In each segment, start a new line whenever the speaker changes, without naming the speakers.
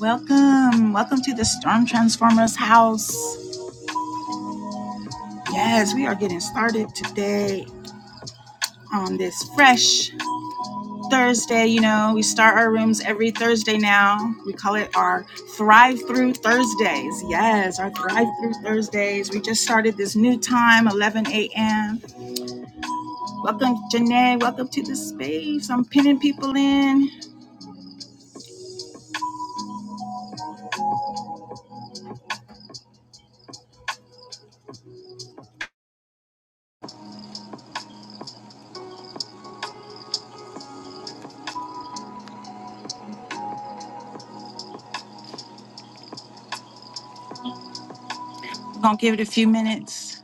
Welcome. Welcome to the Storm Transformers house. Yes, we are getting started today on this fresh Thursday. You know, we start our rooms every Thursday now. We call it our Thrive Through Thursdays. Yes, our Thrive Through Thursdays. We just started this new time, 11 a.m. Welcome, Janae. Welcome to the space. I'm pinning people in. Gonna give it a few minutes.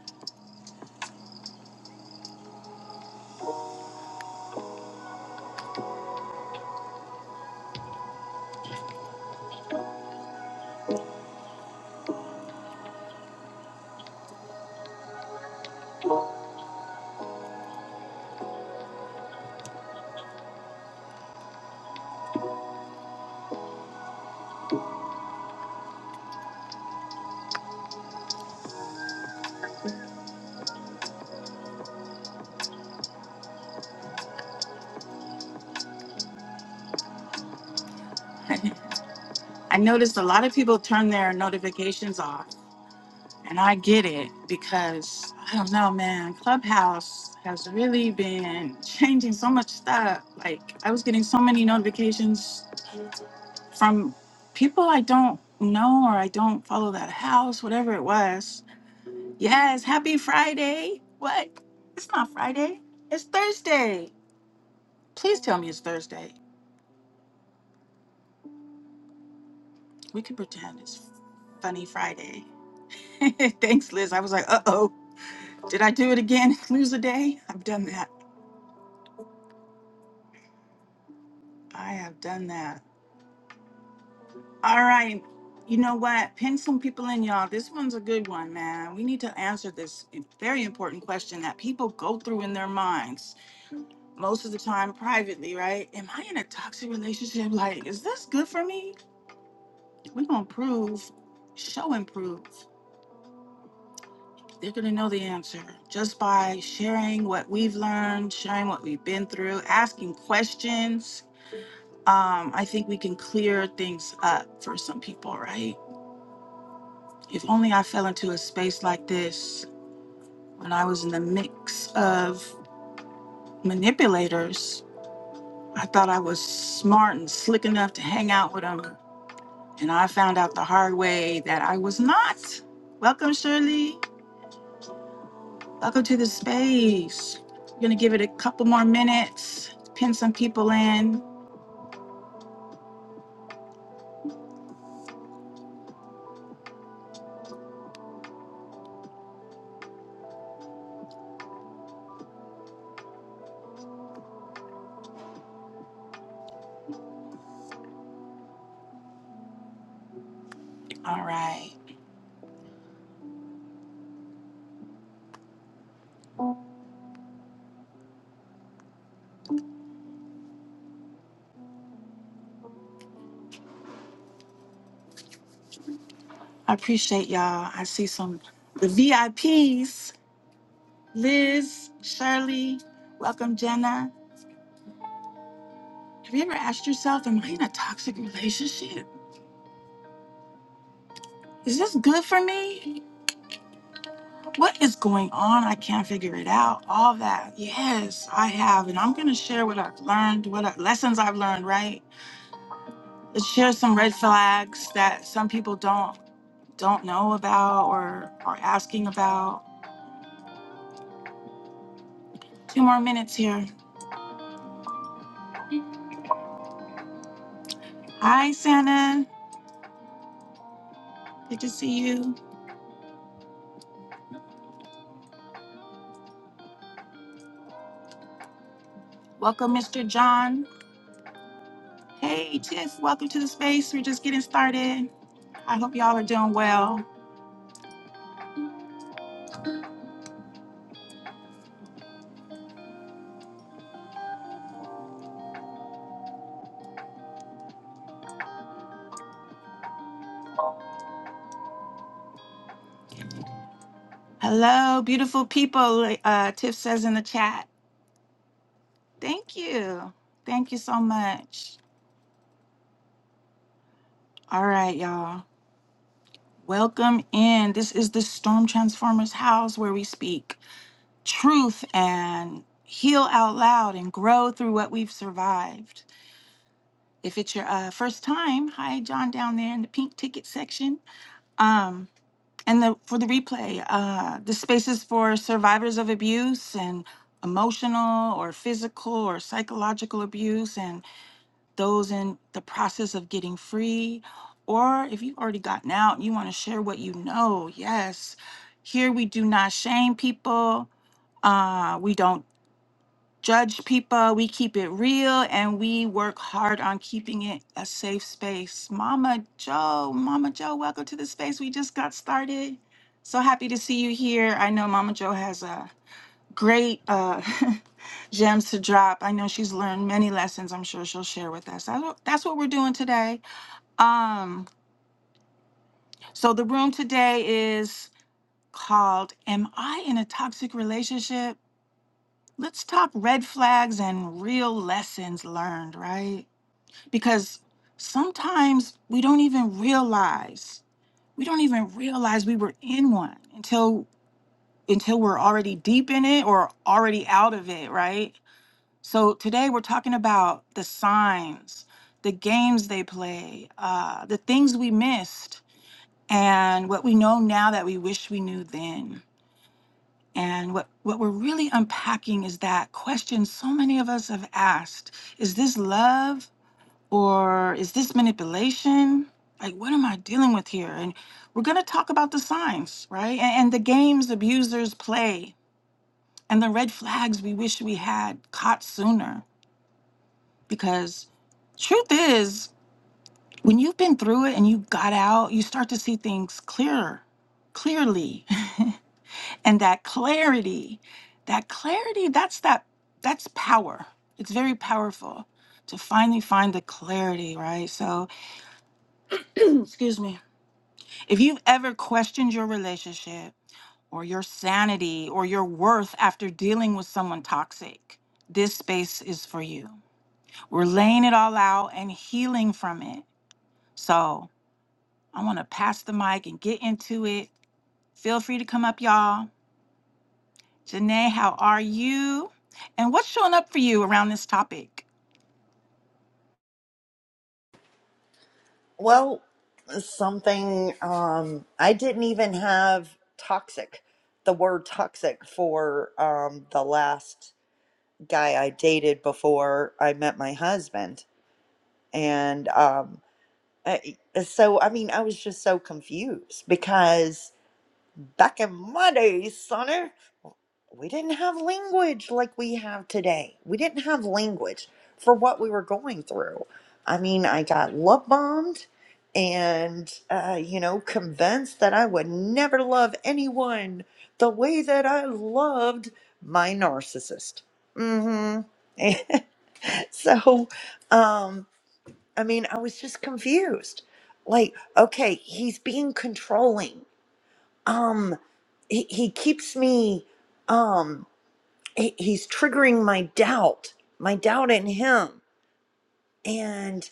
I noticed a lot of people turn their notifications off. And I get it because I don't know, man. Clubhouse has really been changing so much stuff. Like I was getting so many notifications from people I don't know or I don't follow that house, whatever it was. Yes, happy Friday. What? It's not Friday. It's Thursday. Please tell me it's Thursday. We can pretend it's funny Friday. Thanks, Liz. I was like, uh oh, did I do it again? Lose a day? I've done that. I have done that. All right. You know what? Pin some people in, y'all. This one's a good one, man. We need to answer this very important question that people go through in their minds most of the time privately, right? Am I in a toxic relationship? Like, is this good for me? We're going to prove, show and prove. They're going to know the answer just by sharing what we've learned, sharing what we've been through, asking questions. Um, I think we can clear things up for some people, right? If only I fell into a space like this when I was in the mix of manipulators. I thought I was smart and slick enough to hang out with them. And I found out the hard way that I was not. Welcome, Shirley. Welcome to the space. We're going to give it a couple more minutes, pin some people in. All right. I appreciate y'all. I see some the VIPs. Liz, Shirley, welcome, Jenna. Have you ever asked yourself, am I in a toxic relationship? Is this good for me? What is going on? I can't figure it out. All that. Yes, I have. And I'm going to share what I've learned, what I, lessons I've learned, right? Let's share some red flags that some people don't don't know about or are asking about. Two more minutes here. Hi, Santa. Good to see you. Welcome, Mr. John. Hey, Tiff. Welcome to the space. We're just getting started. I hope y'all are doing well. Hello, beautiful people. Uh, Tiff says in the chat. Thank you. Thank you so much. All right, y'all. Welcome in. This is the Storm Transformers house where we speak truth and heal out loud and grow through what we've survived. If it's your uh, first time, hi, John, down there in the pink ticket section. Um, And the, for the replay, uh, the spaces for survivors of abuse and emotional or physical or psychological abuse, and those in the process of getting free. Or if you've already gotten out and you want to share what you know, yes. Here we do not shame people. Uh, we don't judge people. We keep it real and we work hard on keeping it a safe space. Mama Joe, Mama Joe, welcome to the space. We just got started. So happy to see you here. I know Mama Joe has a great uh, gems to drop. I know she's learned many lessons. I'm sure she'll share with us. That's what, that's what we're doing today. Um, so the room today is called "Am I in a Toxic Relationship?" Let's talk red flags and real lessons learned, right? Because sometimes we don't even realize. We don't even realize we were in one until until we're already deep in it or already out of it, right? So today we're talking about the signs, the games they play, uh, the things we missed, and what we know now that we wish we knew then. And what, what we're really unpacking is that question so many of us have asked is this love or is this manipulation? Like, what am I dealing with here? And we're going to talk about the signs, right? And, and the games abusers play and the red flags we wish we had caught sooner. Because truth is, when you've been through it and you got out, you start to see things clearer, clearly. and that clarity that clarity that's that that's power it's very powerful to finally find the clarity right so excuse me if you've ever questioned your relationship or your sanity or your worth after dealing with someone toxic this space is for you we're laying it all out and healing from it so i want to pass the mic and get into it feel free to come up y'all Janae, how are you? And what's showing up for you around this topic?
Well, something um I didn't even have toxic, the word toxic for um the last guy I dated before I met my husband. And um I, so I mean I was just so confused because Back in my day, sonner, we didn't have language like we have today. We didn't have language for what we were going through. I mean, I got love bombed and, uh, you know, convinced that I would never love anyone the way that I loved my narcissist. Mm hmm. so, um, I mean, I was just confused. Like, okay, he's being controlling um he, he keeps me um he, he's triggering my doubt my doubt in him and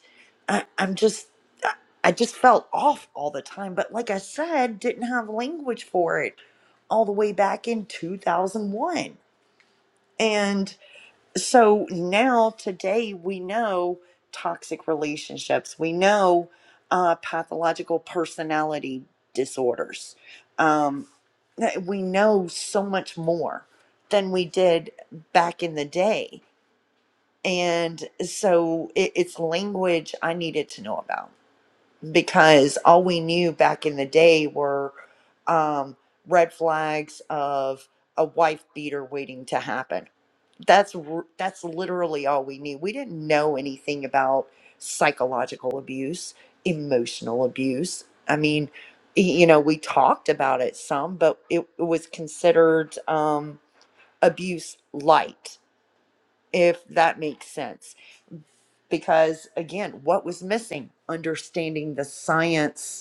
I, i'm just I, I just felt off all the time but like i said didn't have language for it all the way back in 2001 and so now today we know toxic relationships we know uh, pathological personality disorders um, that we know so much more than we did back in the day and so it, it's language i needed to know about because all we knew back in the day were um, red flags of a wife beater waiting to happen. That's r- that's literally all we knew. We didn't know anything about psychological abuse, emotional abuse. I mean, y- you know, we talked about it some, but it, it was considered um, abuse light, if that makes sense. Because again, what was missing? Understanding the science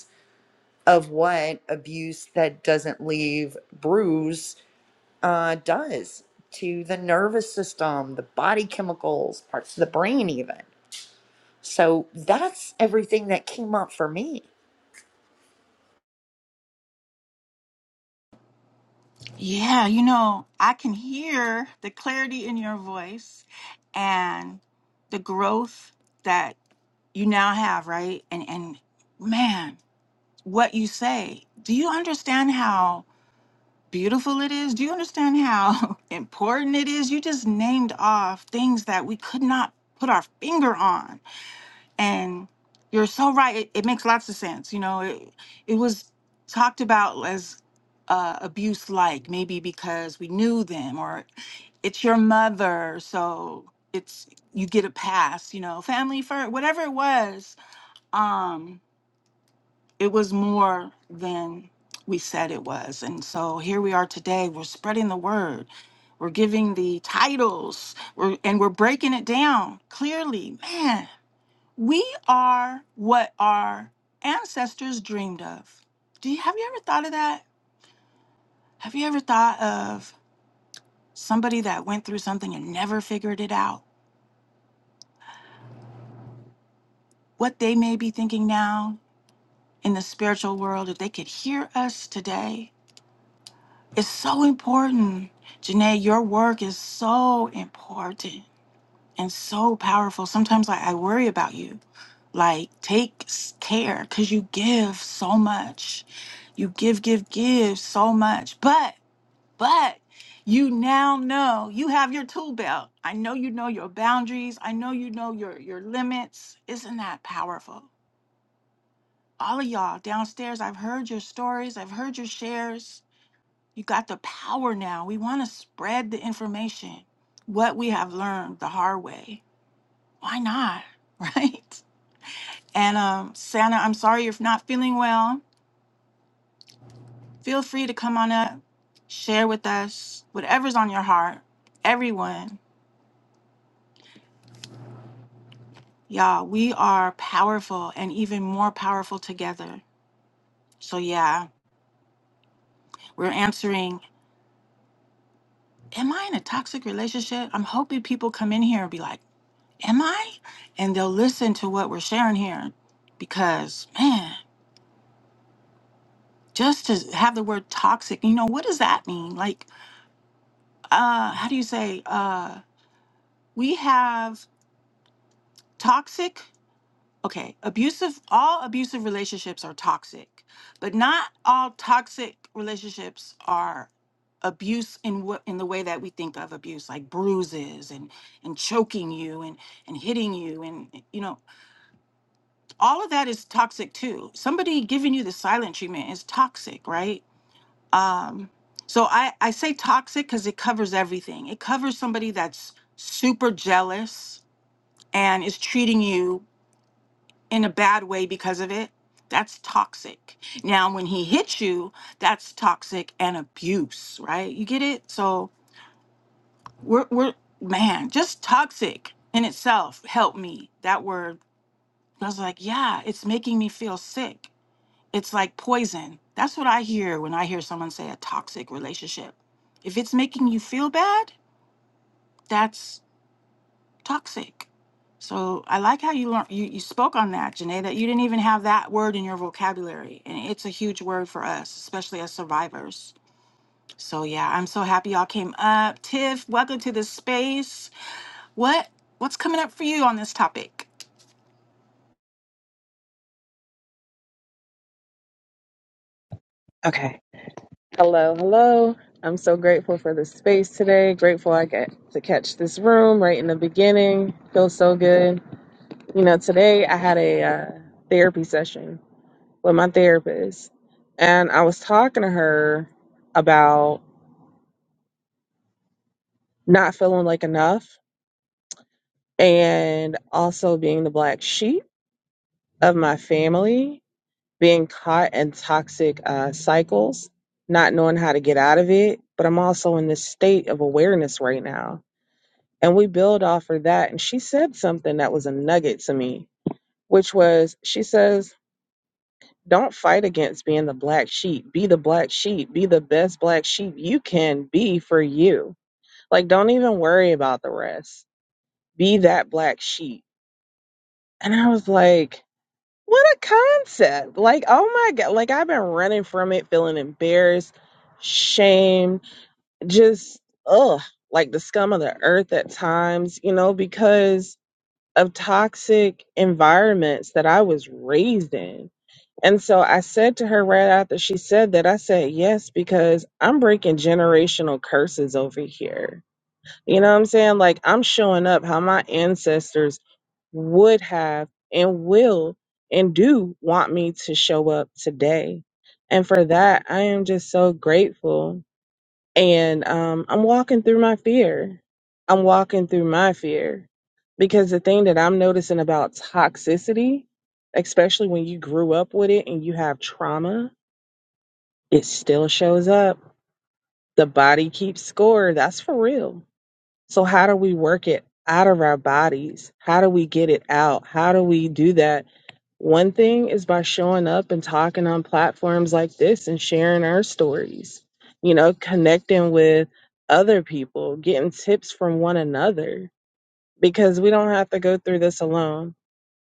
of what abuse that doesn't leave bruise uh, does to the nervous system, the body chemicals, parts of the brain, even. So that's everything that came up for me.
Yeah, you know, I can hear the clarity in your voice and the growth that you now have, right? And and man, what you say. Do you understand how beautiful it is? Do you understand how important it is? You just named off things that we could not put our finger on And you're so right. It, it makes lots of sense. You know, it, it was talked about as uh, abuse like, maybe because we knew them or it's your mother. So it's, you get a pass, you know, family first, whatever it was. Um, it was more than we said it was. And so here we are today. We're spreading the word. We're giving the titles. We're, and we're breaking it down clearly. Man, we are what our ancestors dreamed of. Do you have you ever thought of that? Have you ever thought of somebody that went through something and never figured it out? What they may be thinking now in the spiritual world if they could hear us today is so important. Janae, your work is so important. and so powerful. Sometimes like I worry about you. Like take s- care cuz you give so much. You give give give so much. But but you now know you have your tool belt. I know you know your boundaries. I know you know your your limits. Isn't that powerful? All of y'all downstairs, I've heard your stories. I've heard your shares. You got the power now. We want to spread the information, what we have learned the hard way why not? Right? And um, Santa, I'm sorry you're not feeling well. Feel free to come on up, share with us whatever's on your heart. Everyone, y'all, we are powerful and even more powerful together. So, yeah, we're answering Am I in a toxic relationship? I'm hoping people come in here and be like, Am I? And they'll listen to what we're sharing here because, man, just to have the word toxic, you know, what does that mean? Like, uh how do you say uh we have toxic okay abusive all abusive relationships are toxic but not all toxic relationships are abuse in what in the way that we think of abuse like bruises and and choking you and and hitting you and you know all of that is toxic too somebody giving you the silent treatment is toxic right um so i i say toxic because it covers everything it covers somebody that's super jealous and is treating you in a bad way because of it, that's toxic. Now, when he hits you, that's toxic and abuse, right? You get it? So we're, we're man, just toxic in itself. Help me. That word, I was like, yeah, it's making me feel sick. It's like poison. That's what I hear when I hear someone say a toxic relationship. If it's making you feel bad, that's. toxic. So I like how you learned you, you spoke on that, Janae, that you didn't even have that word in your vocabulary. And it's a huge word for us, especially as survivors. So yeah, I'm so happy y'all came up. Tiff, welcome to the space. What what's coming up for you on this topic?
Okay. Hello, hello. I'm so grateful for this space today. Grateful I get to catch this room right in the beginning. Feels so good. You know, today I had a uh, therapy session with my therapist, and I was talking to her about not feeling like enough and also being the black sheep of my family, being caught in toxic uh, cycles, not knowing how to get out of it. But I'm also in this state of awareness right now and we build off of that and she said something that was a nugget to me which was she says don't fight against being the black sheep be the black sheep be the best black sheep you can be for you like don't even worry about the rest be that black sheep and i was like what a concept like oh my god like i've been running from it feeling embarrassed shamed just ugh like the scum of the earth at times you know because of toxic environments that I was raised in. And so I said to her right after she said that, I said, yes, because I'm breaking generational curses over here. You know what I'm saying? Like I'm showing up how my ancestors would have and will and do want me to show up today. And for that, I am just so grateful and um, I'm walking through my fear. I'm walking through my fear because the thing that I'm noticing about toxicity, especially when you grew up with it and you have trauma, it still shows up. The body keeps score. That's for real. So, how do we work it out of our bodies? How do we get it out? How do we do that? One thing is by showing up and talking on platforms like this and sharing our stories, you know, connecting with other people, getting tips from one another, because we don't have to go through this alone.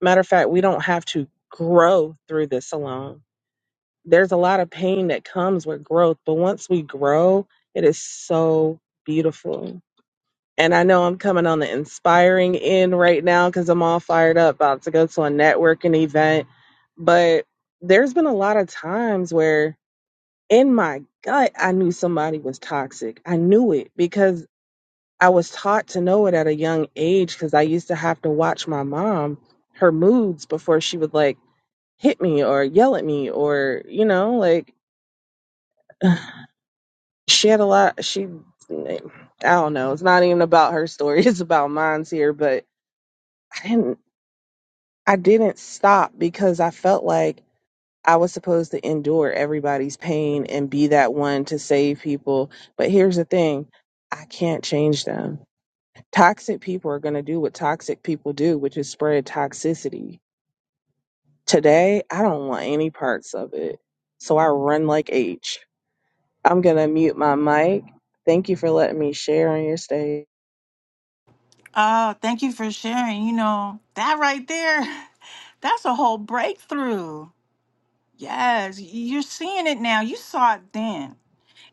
Matter of fact, we don't have to grow through this alone. There's a lot of pain that comes with growth, but once we grow, it is so beautiful and I know I'm coming on the inspiring end right now because I'm all fired up about to go to a networking event. But there's been a lot of times where in my gut, I knew somebody was toxic. I knew it because I was taught to know it at a young age because I used to have to watch my mom, her moods before she would like hit me or yell at me or, you know, like she had a lot she i don't know it's not even about her story it's about mine's here but i didn't I didn't stop because I felt like I was supposed to endure everybody's pain and be that one to save people. But here's the thing I can't change them. Toxic people are going to do what toxic people do, which is spread toxicity. Today, I don't want any parts of it. So I run like H. I'm going to mute my mic. Thank you for letting me share on your stage.
Oh, thank you for sharing. You know, that right there, that's a whole breakthrough. Yes, y- you're seeing it now. You saw it then.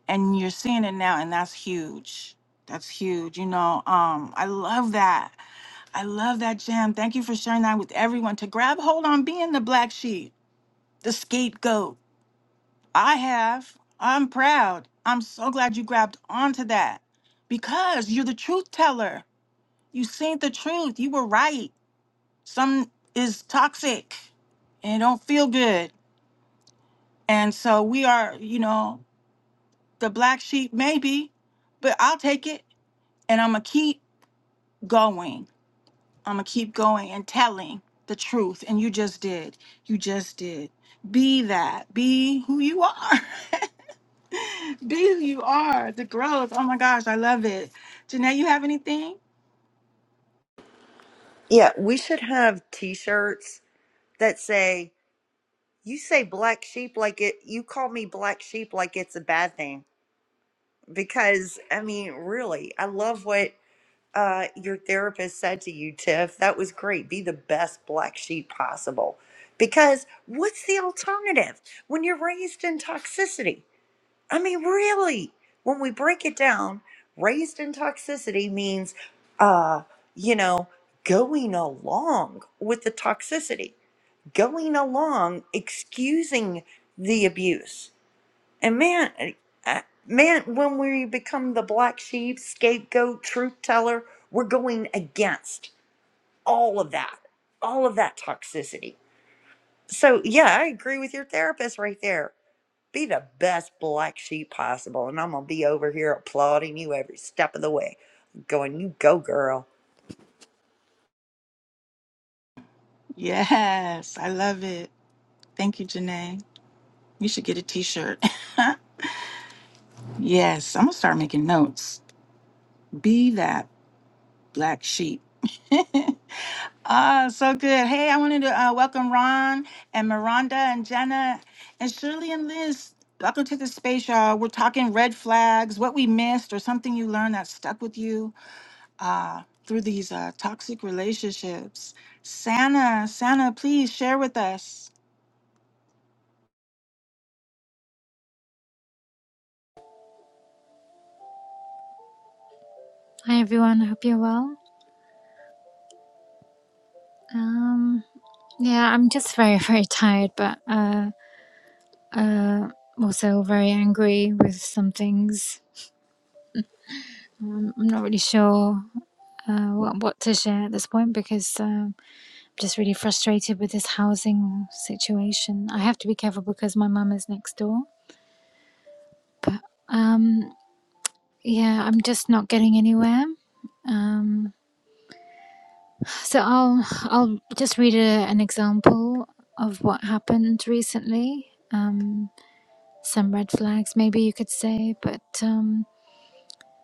and you're seeing it now and that's huge that's huge you know um i love that i love that jam thank you for sharing that with everyone to grab hold on being the black sheep the scapegoat i have i'm proud i'm so glad you grabbed onto that because you're the truth teller you seen the truth you were right some is toxic and it don't feel good and so we are you know the black sheep maybe but i'll take it and i'm gonna keep going. I'm going to keep going and telling the truth. And you just did. You just did. Be that. Be who you are. Be who you are. The growth. Oh my gosh, I love it. Janae, you have anything?
Yeah, we should have t shirts that say, You say black sheep like it, you call me black sheep like it's a bad thing. Because, I mean, really, I love what uh, your therapist said to you, Tiff, that was great. Be the best black sheep possible. Because what's the alternative when you're raised in toxicity? I mean, really, when we break it down, raised in toxicity means, uh, you know, going along with the toxicity, going along, excusing the abuse. And man, I- man, when we become the black sheep, scapegoat, truth teller, we're going against all of that, all of that toxicity. So yeah, I agree with your therapist right there. Be the best black sheep possible, and I'm gonna be over here applauding you every step of the way, going, "You go, girl."
Yes, I love it. Thank you, Janae. You should get a t shirt. yes, I'm going to start making notes. Be that black sheep. Ah, so good. Hey, I wanted to uh, welcome Ron and Miranda and Jenna and Shirley and Liz. Welcome to the space, y'all. We're talking red flags, what we missed, or something you learned that stuck with you uh, through these uh, toxic relationships. Santa, Santa, please share with us.
Hi everyone, I hope you're well. Um, yeah, I'm just very, very tired, but uh, uh, also very angry with some things. I'm not really sure uh, what, what to share at this point because um I'm just really frustrated with this housing situation. I have to be careful because my mum is next door, but um, yeah, I'm just not getting anywhere. Um, so I'll I'll just read a, an example of what happened recently. Um, some red flags, maybe you could say. But um,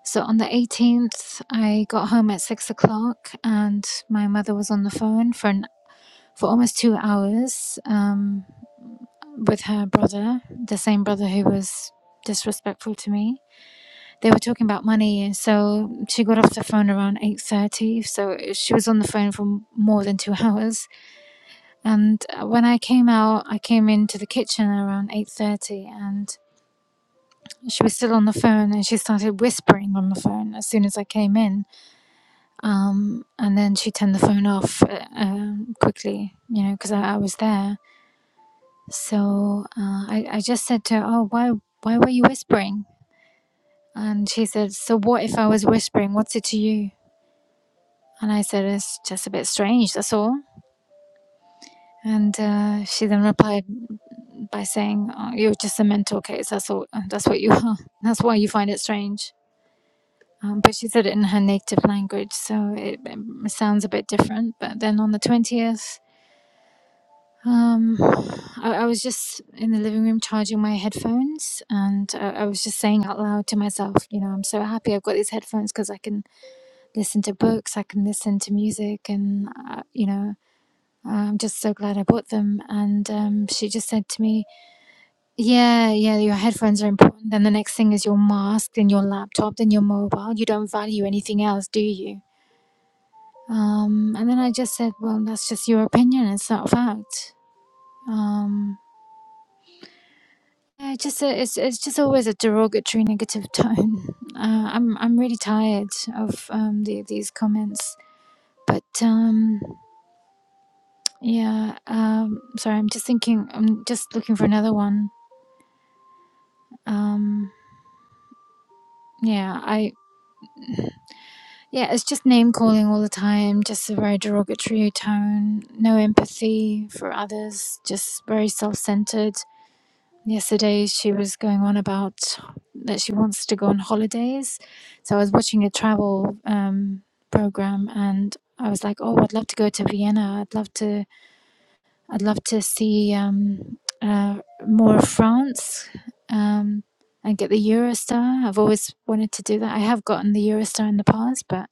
so on the 18th, I got home at six o'clock, and my mother was on the phone for an, for almost two hours um, with her brother, the same brother who was disrespectful to me. They were talking about money, so she got off the phone around 8:30. So she was on the phone for more than two hours. And uh, when I came out, I came into the kitchen around 8:30, and. She was still on the phone and she started whispering on the phone as soon as I came in. Um, and then she turned the phone off uh, um, quickly, you know, because I, I was there. So uh, I, I just said to her, Oh, why, why were you whispering? And she said, So what if I was whispering? What's it to you? And I said, It's just a bit strange, that's all. And uh, she then replied by saying, oh, You're just a mental case, that's all. That's what you are. That's why you find it strange. Um, but she said it in her native language, so it, um, sounds a bit different. But then on the 20th, um, I, I was just in the living room charging my headphones, and I, I was just saying out loud to myself, you know, I'm so happy I've got these headphones because I can listen to books, I can listen to music, and, uh, you know, I'm just so glad I bought them. And um, she just said to me, yeah, yeah, your headphones are important. Then the next thing is your mask, then your laptop, then your mobile. You don't value anything else, do you? Um, and then I just said, well, that's just your opinion. It's not a fact. Um, yeah, it's just a, it's it's just always a derogatory, negative tone. Uh, I'm I'm really tired of um, the, these comments. But um, yeah, um, sorry, I'm just thinking. I'm just looking for another one. Um, yeah, I yeah, it's just name calling all the time. Just a very derogatory tone. No empathy for others. Just very self centered Yesterday, she was going on about that she wants to go on holidays. So I was watching a travel um, program, and I was like, "Oh, I'd love to go to Vienna. I'd love to. I'd love to see um, uh, more of France um, and get the Eurostar. I've always wanted to do that. I have gotten the Eurostar in the past, but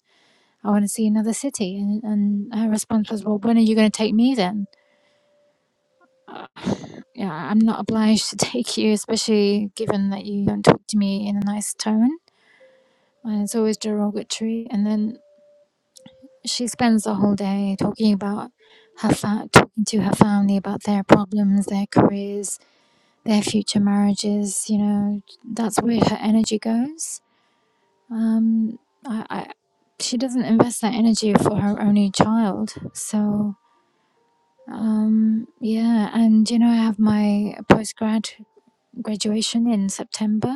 I want to see another city." And, and her response was, "Well, when are you going to take me then?" uh, yeah, I'm not obliged to take you, especially given that you don't talk to me in a nice tone. And it's always derogatory. And then she spends the whole day talking about her fa- talking to her family about their problems, their careers, their future marriages. You know, that's where her energy goes. Um, I, I, she doesn't invest that energy for her only child. So um yeah and you know i have my postgrad graduation in September,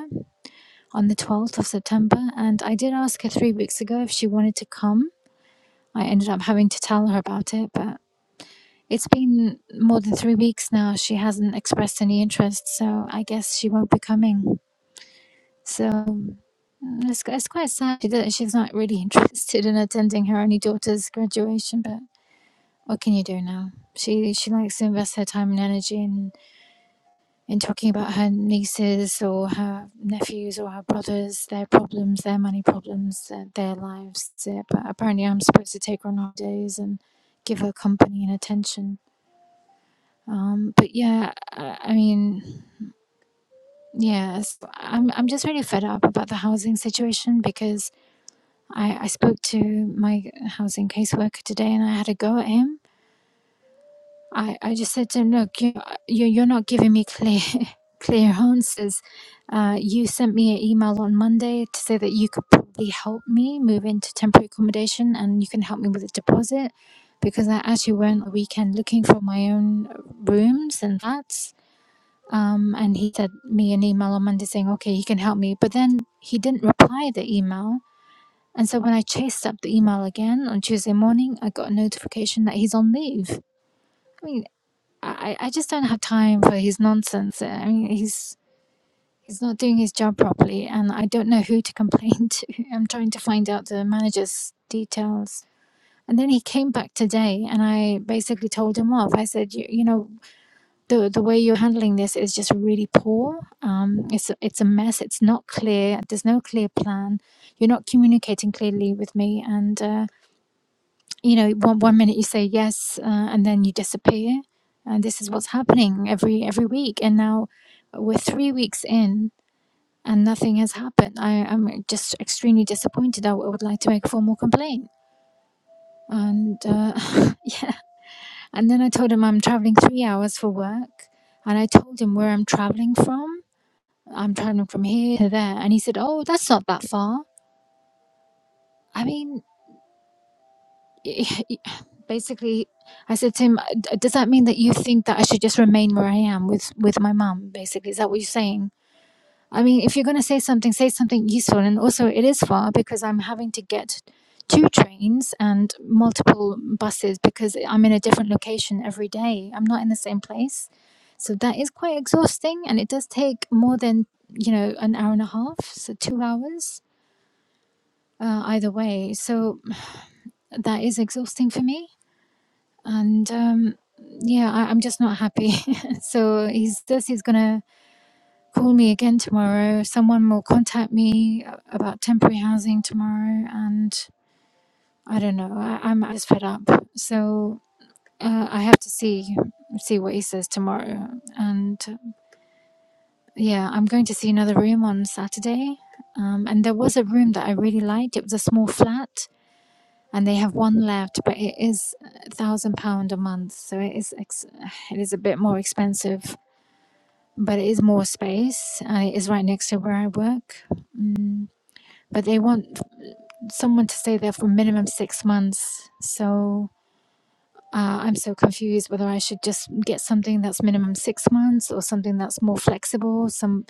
on the 12th of September, and I did ask her three weeks ago if she wanted to come. I ended up having to tell her about it, but it's been more than three weeks now. She hasn't expressed any interest, so I guess she won't be coming. So mm, it's, it's quite sad. She does she's not really interested in attending her only daughter's graduation, but what can you do now? She she likes to invest her time and energy in. in talking about her nieces or her nephews or her brothers, their problems, their money problems, uh, their lives. Uh, but apparently, I'm supposed to take her on holidays and give her company and attention. Um, but yeah, I, I mean, yes, I'm I'm just really fed up about the housing situation because I, I spoke to my housing caseworker today and I had a go at him I, I just said to him, look, you, uh, you, you're not giving me clear, clear answers. Uh, you sent me an email on Monday to say that you could probably help me move into temporary accommodation and you can help me with a deposit because I actually went a weekend looking for my own rooms and flats. Um, and he sent me an email on Monday saying, okay, you can help me. But then he didn't reply the email. And so when I chased up the email again on Tuesday morning, I got a notification that he's on leave. I, I just don't have time for his nonsense. I mean, he's he's not doing his job properly, and I don't know who to complain to. I'm trying to find out the manager's details. And then he came back today, and I basically told him off. I said, you, you know, the the way you're handling this is just really poor. Um, it's a- it's a mess. It's not clear. There's no clear plan. You're not communicating clearly with me, and. Uh, you know one, one minute you say yes uh, and then you disappear and this is what's happening every every week and now we're three weeks in and nothing has happened I, i'm just extremely disappointed i w- would like to make a formal complaint and uh, yeah and then i told him i'm traveling three hours for work and i told him where i'm traveling from i'm traveling from here to there and he said oh that's not that far i mean basically i said to him "D- does that mean that you think that i should just remain where i am with with my mum basically is that what you're saying i mean if you're going to say something say something useful and also it is far because i'm having to get two trains and multiple buses because i'm in a different location every day i'm not in the same place so that is quite exhausting and it does take more than you know an hour and a half so two hours uh, either way so that is exhausting for me and um, yeah, I, I'm just not happy. so he's this. He's gonna call me again tomorrow. Someone will contact me a- about temporary housing tomorrow, and I don't know. I, I'm just fed up. So uh, I have to see see what he says tomorrow. And uh, yeah, I'm going to see another room on Saturday. Um, and there was a room that I really liked. It was a small flat and they have one left, but it is a thousand pound a month, so it is ex- it is a bit more expensive, but it is more space, and it is right next to where I work. Mm, but they want someone to stay there for minimum six months, so. Uh, I'm so confused whether I should just get something that's minimum six months or something that's more flexible, some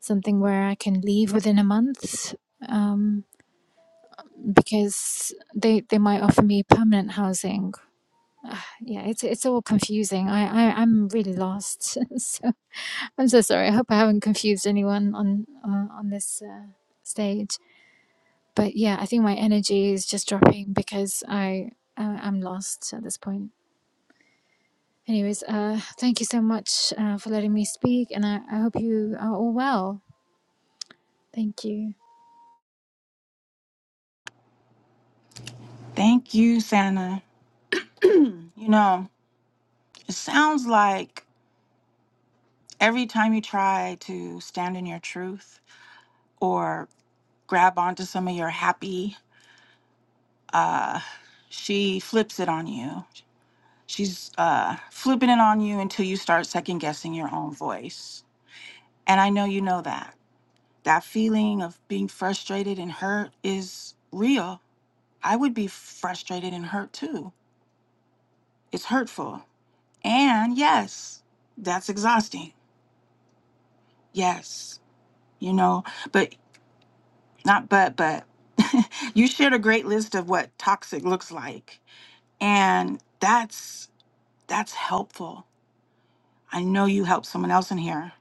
something where I can leave within a month, um, because they they might offer me permanent housing, yeah, it's it's all confusing. I, I I'm really lost. so I'm so sorry. I hope I haven't confused anyone on on, on this uh, stage. But yeah, I think my energy is just dropping because I uh, I'm lost at this point. Anyways, uh, thank you so much uh, for letting me speak, and I, I hope you are all well. Thank you.
Thank you, Santa. You know, it sounds like every time you try to stand in your truth or grab onto some of your happy, she flips it on you She's uh, flipping it on you until you start second guessing your own voice. And I know you know that. That feeling of being frustrated and hurt is real. I would be frustrated and hurt too. It's hurtful. And yes, that's exhausting. Yes, you know, but not but, but you shared a great list of what toxic looks like. And that's that's helpful I know you help someone else in here.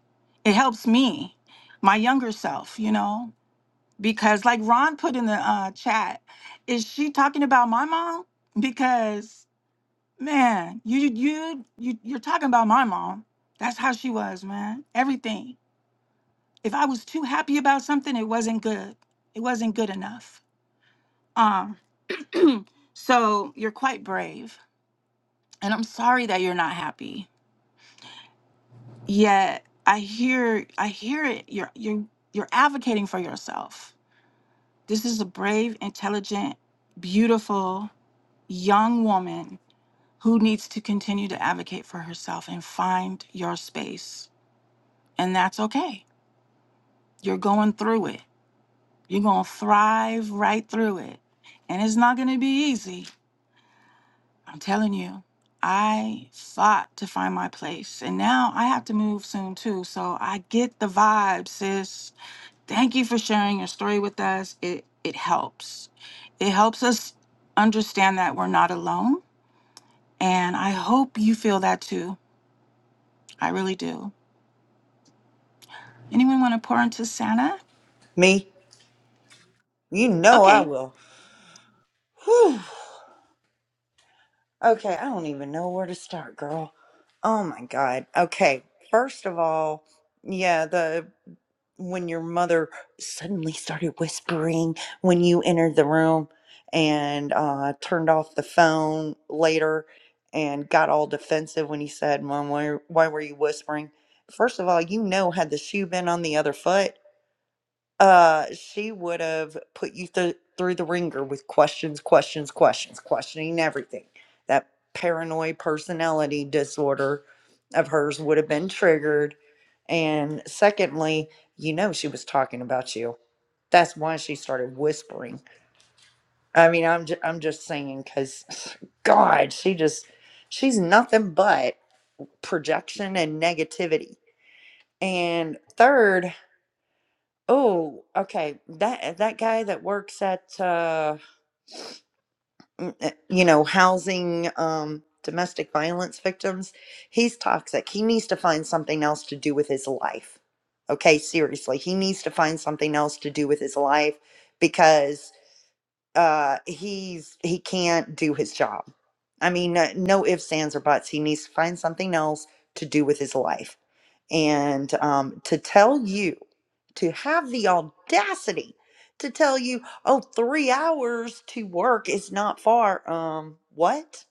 It helps me, my younger self, you know, because like Ron put in the uh, chat, is she talking about my mom? Because man, you you you you're talking about my mom. That's how she was, man. Everything. If I was too happy about something, it wasn't good. It wasn't good enough. Um. So you're quite brave, and I'm sorry that you're not happy Yet I hear I hear it. You're you're you're advocating for yourself. This is a brave, intelligent, beautiful young woman who needs to continue to advocate for herself and find your space. And that's okay. You're going through it. You're gonna thrive right through it. And it's not gonna be easy. I'm telling you. I fought to find my place. And now I have to move soon too. So I get the vibe, sis Thank you for sharing your story with us. It it helps. It helps us understand that we're not alone, and I hope you feel that too. I really do. Anyone want to pour into Santa?
Me, you know I
Okay,
will. Whew. Okay, I don't even know where to start, girl. Oh my god. Okay, first of all, yeah, the. when your mother suddenly started whispering when you entered the room and uh, turned off the phone later and got all defensive when he said, Mom, why, why were you whispering? First of all, you know, had the shoe been on the other foot, uh she would have put you th- through the ringer with questions questions questions questioning everything that paranoid personality disorder of hers would have been triggered and secondly you know she was talking about you that's why she started whispering i mean i'm ju- i'm just saying cuz god she just she's nothing but projection and negativity and third Oh, okay. That that guy that works at uh m- uh, you know, housing um domestic violence victims, he's toxic. He needs to find something else to do with his life. Okay, seriously. He needs to find something else to do with his life because uh he's he can't do his job. I mean, uh, no ifs, ands, or buts. He needs to find something else to do with his life and um, to tell you to have the audacity to tell you oh three hours to work is not far um what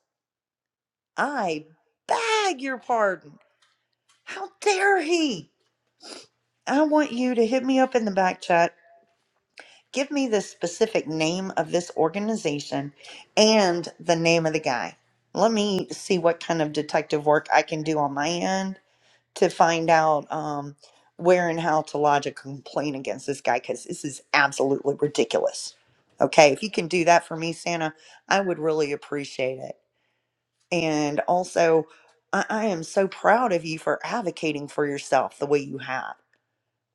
i beg your pardon how dare he i want you to hit me up in the back chat give me the specific name of this organization and the name of the guy let me see what kind of detective work i can do on my end to find out um, where and how to lodge a complaint against this guy because this is absolutely ridiculous. Okay, if you can do that for me, Santa, I would really appreciate it. And also, I, I am so proud of you for advocating for yourself the way you have.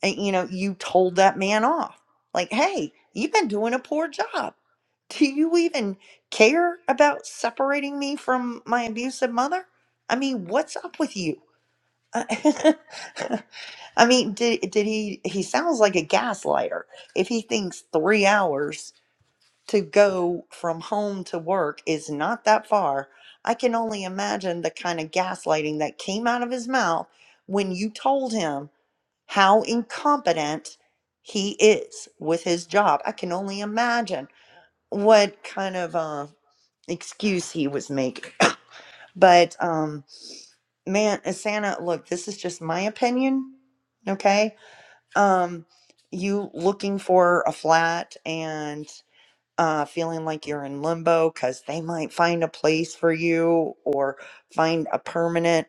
And you know, you told that man off like, hey, you've been doing a poor job. Do you even care about separating me from my abusive mother? I mean, what's up with you? I mean, did did he? He sounds like a gaslighter. If he thinks three hours to go from home to work is not that far, I can only imagine the kind of gaslighting that came out of his mouth when you told him how incompetent he is with his job. I can only imagine what kind of uh, excuse he was making. but um, man, Asana, look, this is just my opinion. Okay um, you looking for a flat and uh, feeling like you're in limbo because they might find a place for you or find a permanent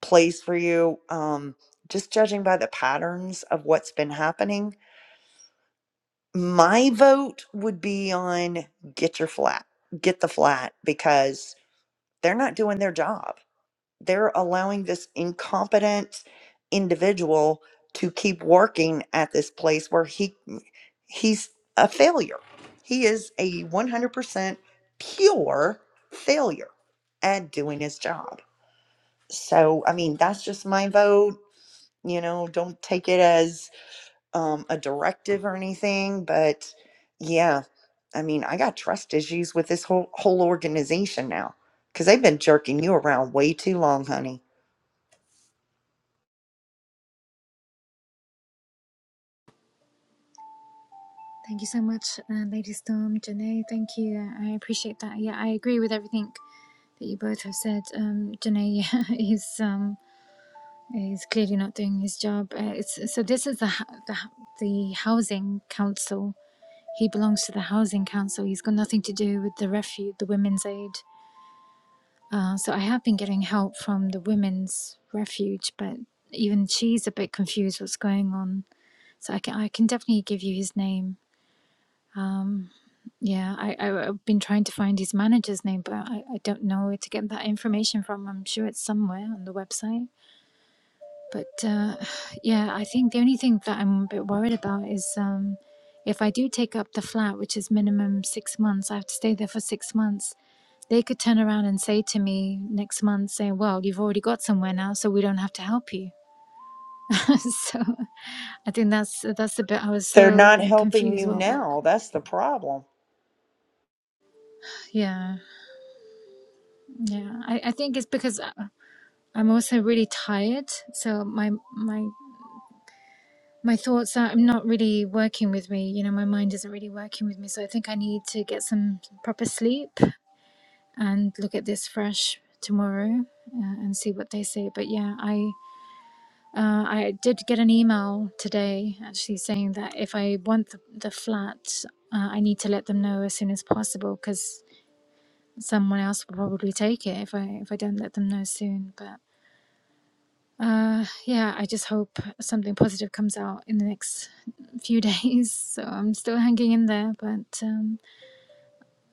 place for you. Um, just judging by the patterns of what's been happening, my vote would be on get your flat, get the flat because they're not doing their job they're allowing this incompetent individual to keep working at this place where he mm, he's a failure. He is a 100% pure failure at doing his job. So, I mean, that's just my vote. You know, don't take it as um, a directive or anything, but yeah, I mean, I got trust issues with this whole whole organization now because they've been jerking you around way too long, honey.
Thank you so much, uh, Lady Storm, Janae. Thank you. I appreciate that. Yeah, I agree with everything that you both have said. Um, Janae is um, He's clearly not doing his job. Uh, it's, so this is the, hou- the hou- the housing council. He belongs to the housing council. He's got nothing to do with the refuge, the women's aid. Uh, so I have been getting help from the women's refuge, but even she's a bit confused what's going on. So I can I can definitely give you his name. Um, yeah, I, I I've been trying to find his manager's name, but I, I don't know where to get that information from. I'm sure it's somewhere on the website. But uh, yeah, I think the only thing that I'm a bit worried about is um, if I do take up the flat, which is minimum six months, I have to stay there for six months. They could turn around and say to me next month, saying, "Well, you've already got somewhere now, so we don't have to help you." so I think that's that's the bit I was
They're
so
not
like
helping
confused.
you
Well, but-
now. That's the problem.
yeah, yeah. I, I think it's because I- I'm also really tired, so my my my thoughts are I'm not really working with me. You know, my mind isn't really working with me. So I think I need to get some proper sleep and look at this fresh tomorrow uh, and see what they say. But yeah, I. Uh, I did get an email today actually saying that if I want the, the flat, uh, I need to let them know as soon as possible because someone else will probably take it if I if I don't let them know soon. But Uh, yeah, I just hope something positive comes out in the next few days. So I'm still hanging in there, but um,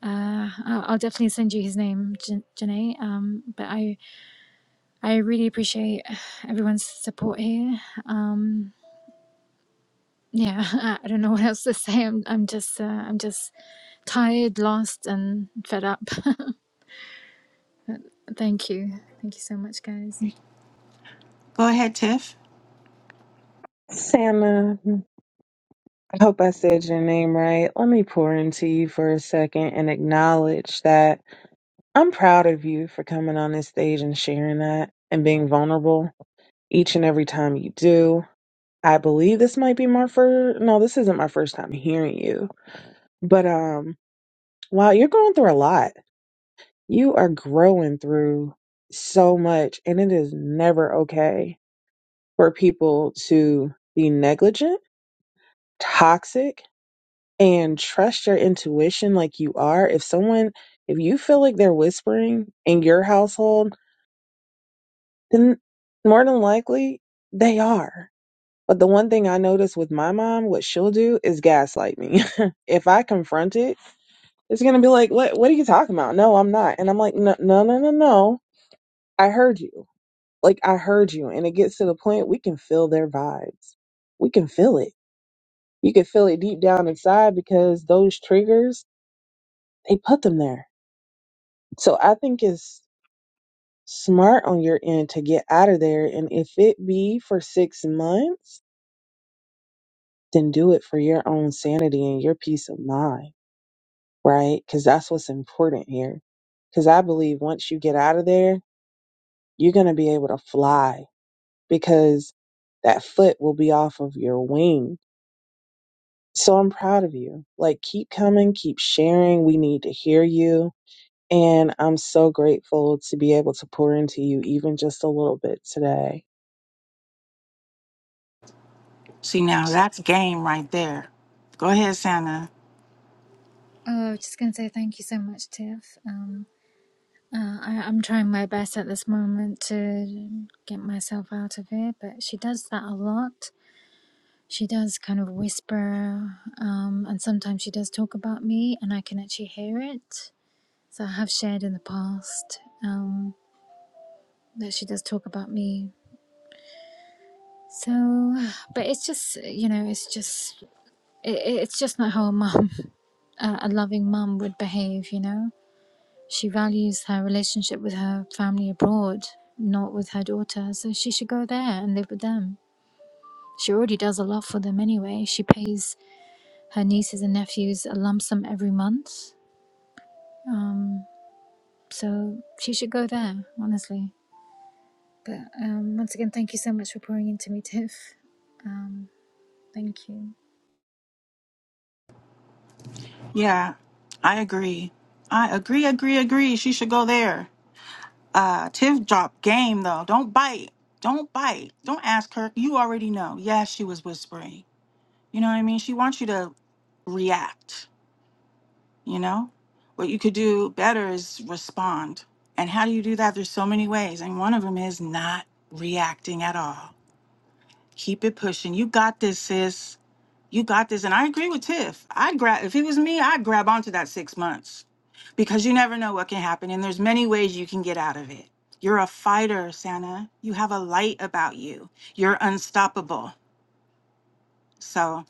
uh, I'll, I'll definitely send you his name, Jan- Janae. Um, but I I really appreciate everyone's support here. Um, yeah, I, I don't know what else to say. I'm I'm just uh, I'm just tired, lost, and fed up. thank you, thank you so much, guys.
go ahead, Tiff.
Santa, I hope I said your name right. Let me pour into you for a second and acknowledge that I'm proud of you for coming on this stage and sharing that and being vulnerable each and every time you do. I believe this might be my first no, this isn't my first time hearing you. But um wow, you're going through a lot. You are growing through so much and it is never okay for people to be negligent, toxic, and trust your intuition like you are. If someone if you feel like they're whispering in your household Then more than likely they are. But the one thing I noticed with my mom, what she'll do is gaslight me. if I confront it, it's gonna be like, "What? What are you talking about? No, I'm not." And I'm like, "No, no, no, no, no. I heard you. Like I heard you." And it gets to the point we can feel their vibes. We can feel it. You can feel it deep down inside because those triggers they put them there. So I think it's smart on your end to get out of there. And if it be for six months then do it for your own sanity and your peace of mind, right? Because that's what's important here. Because I believe once you get out of there, you're going to be able to fly because that foot will be off of your wing. So I'm proud of you. Like, keep coming, keep sharing. We need to hear you. And I'm so grateful to be able to pour into you even just a little bit today.
See now, that's game right there. Go ahead, Santa.
Oh, I was just gonna say thank you so much, Tiff. Um, Uh, I, I'm trying my best at this moment to get myself out of it, but she does that a lot. She does kind of whisper, um, and sometimes she does talk about me, and I can actually hear it. So I have shared in the past um, that she does talk about me. So, but it's just, you know, it's just, it, it's just not how a mum, a a loving mum would behave, you know? She values her relationship with her family abroad, not with her daughter, so she should go there and live with them. She already does a lot for them anyway. She pays her nieces and nephews a lump sum every month. Um, so she should go there, honestly. But um, once again, thank you so much for pouring into me, Tiff. Um, thank you.
Yeah, I agree. I agree, agree, agree. She should go there. Uh, Tiff dropped game though. Don't bite. Don't bite. Don't ask her. You already know. Yes, she was whispering. You know what I mean? She wants you to react, you know? What you could do better is respond. And how do you do that? There's so many ways. And one of them is not reacting at all. Keep it pushing. You got this, sis. You got this. And I agree with Tiff. I'd grab if it was me, I'd grab onto that six months. Because you never know what can happen. And there's many ways you can get out of it. You're a fighter, Santa. You have a light about you. You're unstoppable. So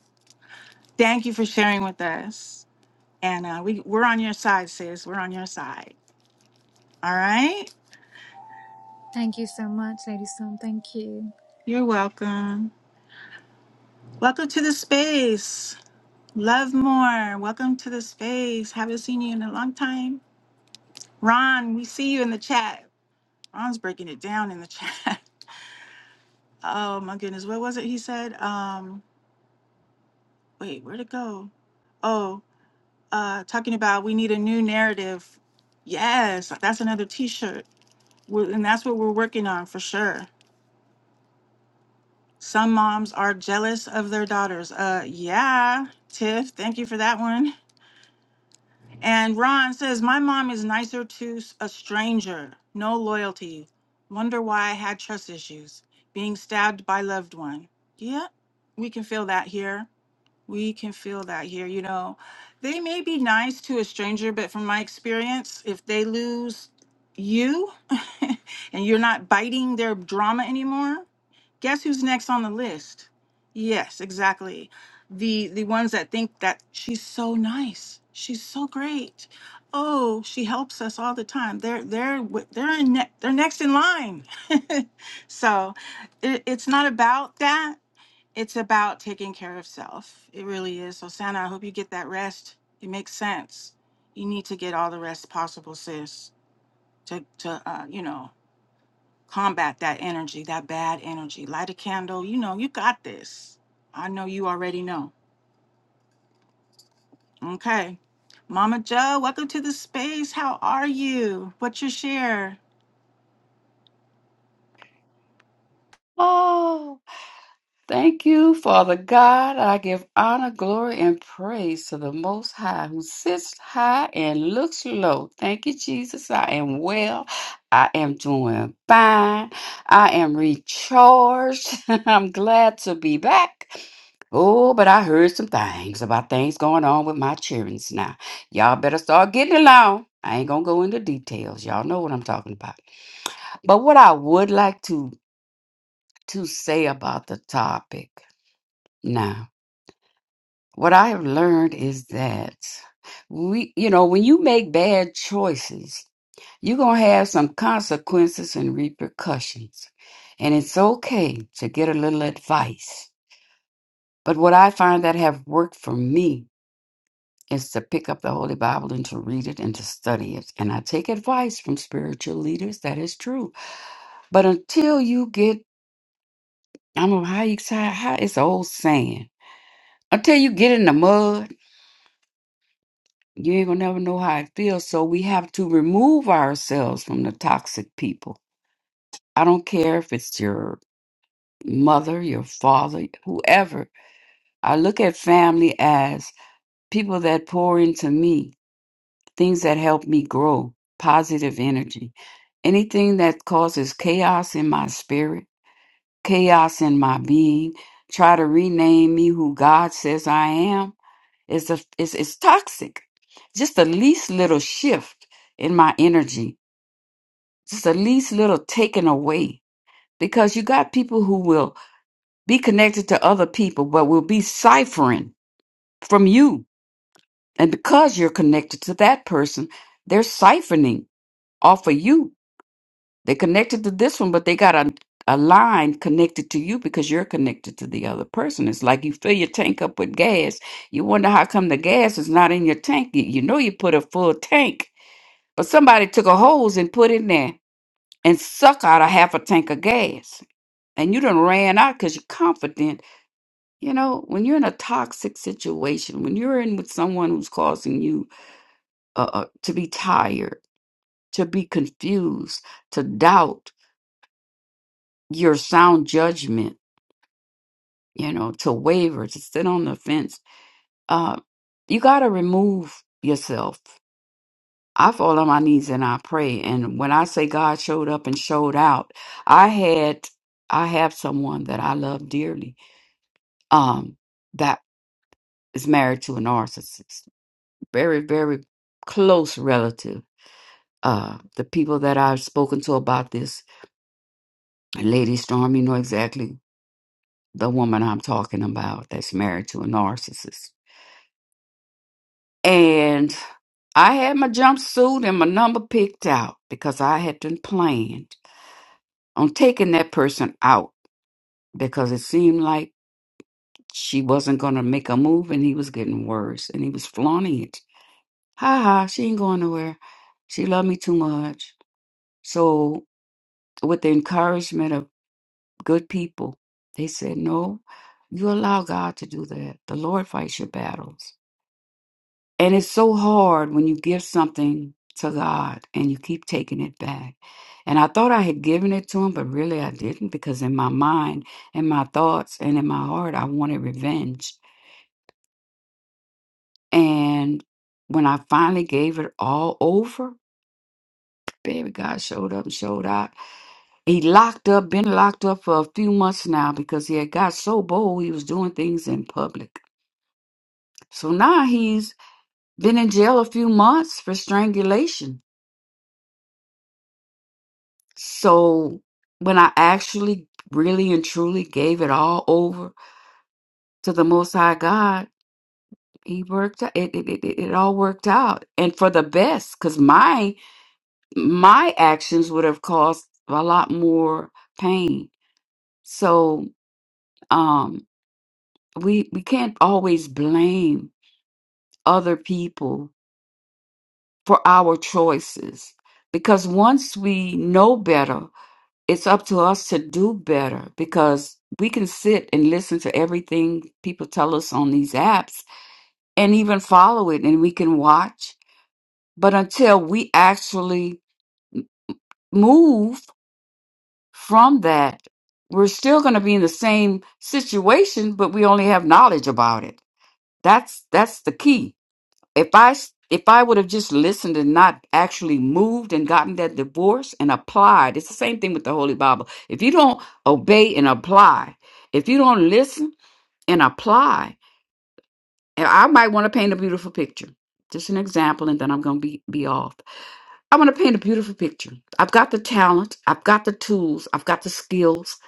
thank you for sharing with us. And uh, we we're on your side, sis. We're on your side. All right.
Thank you so much, Lady Storm. Thank you.
You're welcome. Welcome to the space. Love more. Welcome to the space. Haven't seen you in a long time. Ron, we see you in the chat. Ron's breaking it down in the chat. Oh my goodness. What was it he said? Um, wait, where'd it go? Oh, uh, talking about we need a new narrative. Yes, that's another t-shirt. We're, and that's what we're working on for sure. Some moms are jealous of their daughters. Uh, yeah, Tiff, thank you for that one. And Ron says, My mom is nicer to s- a stranger. No loyalty. Wonder why I had trust issues. Being stabbed by loved one. Yeah, we can feel that here. We can feel that here. You know, they may be nice to a stranger, but from my experience, if they lose you and you're not biting their drama anymore, guess who's next on the list yes exactly the the ones that think that she's so nice she's so great oh she helps us all the time they're they're wi- they're in ne- they're next in line so it, it's not about that it's about taking care of self it really is so santa i hope you get that rest it makes sense you need to get all the rest possible sis to to uh, you know combat that energy, that bad energy. Light a candle. You know, you got this. I know you already know. Okay. Mama Joe, welcome to the space. How are you? What's your share?
Oh, thank you, Father God. I give honor, glory, and praise to the Most High who sits high and looks low. Thank you, Jesus. I am well. I am doing fine. I am recharged. I'm glad to be back. Oh, but I heard some things about things going on with my children now. Y'all better start getting along. I ain't gonna go into details. Y'all know what I'm talking about. But what I would like to to say about the topic. Now, what I have learned is that we, you know, when you make bad choices, you're going to have some consequences and repercussions. And it's okay to get a little advice. But what I find that have worked for me is to pick up the Holy Bible and to read it and to study it. And I take advice from spiritual leaders. That is true. But until you get, I don't know how you say, how it's an old saying. Until you get in the mud You ain't gonna never know how it feels. So we have to remove ourselves from the toxic people. I don't care if it's your mother, your father, whoever. I look at family as people that pour into me, things that help me grow, positive energy. Anything that causes chaos in my spirit, chaos in my being, try to rename me who God says I am, is a is is toxic. Just the least little shift in my energy It's the least little taken away because you got people who will be connected to other people, but will be ciphering from you. And because you're connected to that person, they're siphoning off of you. They're connected to this one, but they got a, a line connected to you because you're connected to the other person. It's like you fill your tank up with gas. You wonder how come the gas is not in your tank. You, you know you put a full tank, but somebody took a hose and put in there and suck out a half a tank of gas and you done ran out because you're confident. You know, when you're in a toxic situation, when you're in with someone who's causing you uh, uh, to be tired, to be confused, to doubt your sound judgment, you know, to waver, to sit on the fence, uh, you got to remove yourself. I fall on my knees and I pray. And when I say God showed up and showed out, I had, I have someone that I love dearly um, that is married to a narcissist very, very close relative. Uh, the people that I've spoken to about this, Lady Storm, you know exactly the woman I'm talking about that's married to a narcissist. And I had my jumpsuit and my number picked out because I had been planned on taking that person out because it seemed like she wasn't going to make a move and he was getting worse and he was flaunting it. Ha ha, she ain't going nowhere. She loved me too much. So, with the encouragement of good people. They said, No, you allow God to do that. The Lord fights your battles. And it's so hard when you give something to God and you keep taking it back. And I thought I had given it to him, but really I didn't because in my mind, in my thoughts, and in my heart, I wanted revenge. And when I finally gave it all over, baby, God showed up and showed out. He locked up, been locked up for a few months now because he had got so bold he was doing things in public So now he's been in jail a few months for strangulation. So when I actually really and truly gave it all over to the Most High God, he worked out, it it, it, it it all worked out and for the best because my my actions would have caused a lot more pain so um we we can't always blame other people for our choices because once we know better it's up to us to do better because we can sit and listen to everything people tell us on these apps and even follow it and we can watch. But until we actually move from that, we're still going to be in the same situation, but we only have knowledge about it. That's that's the key if I s- if I would have just listened and not actually moved and gotten that divorce and applied, it's the same thing with the Holy Bible. If you don't obey and apply, if you don't listen and apply, and I might want to paint a beautiful picture. Just an example, and then I'm gonna be be off. I want to paint a beautiful picture. I've got the talent, I've got the tools, I've got the skills,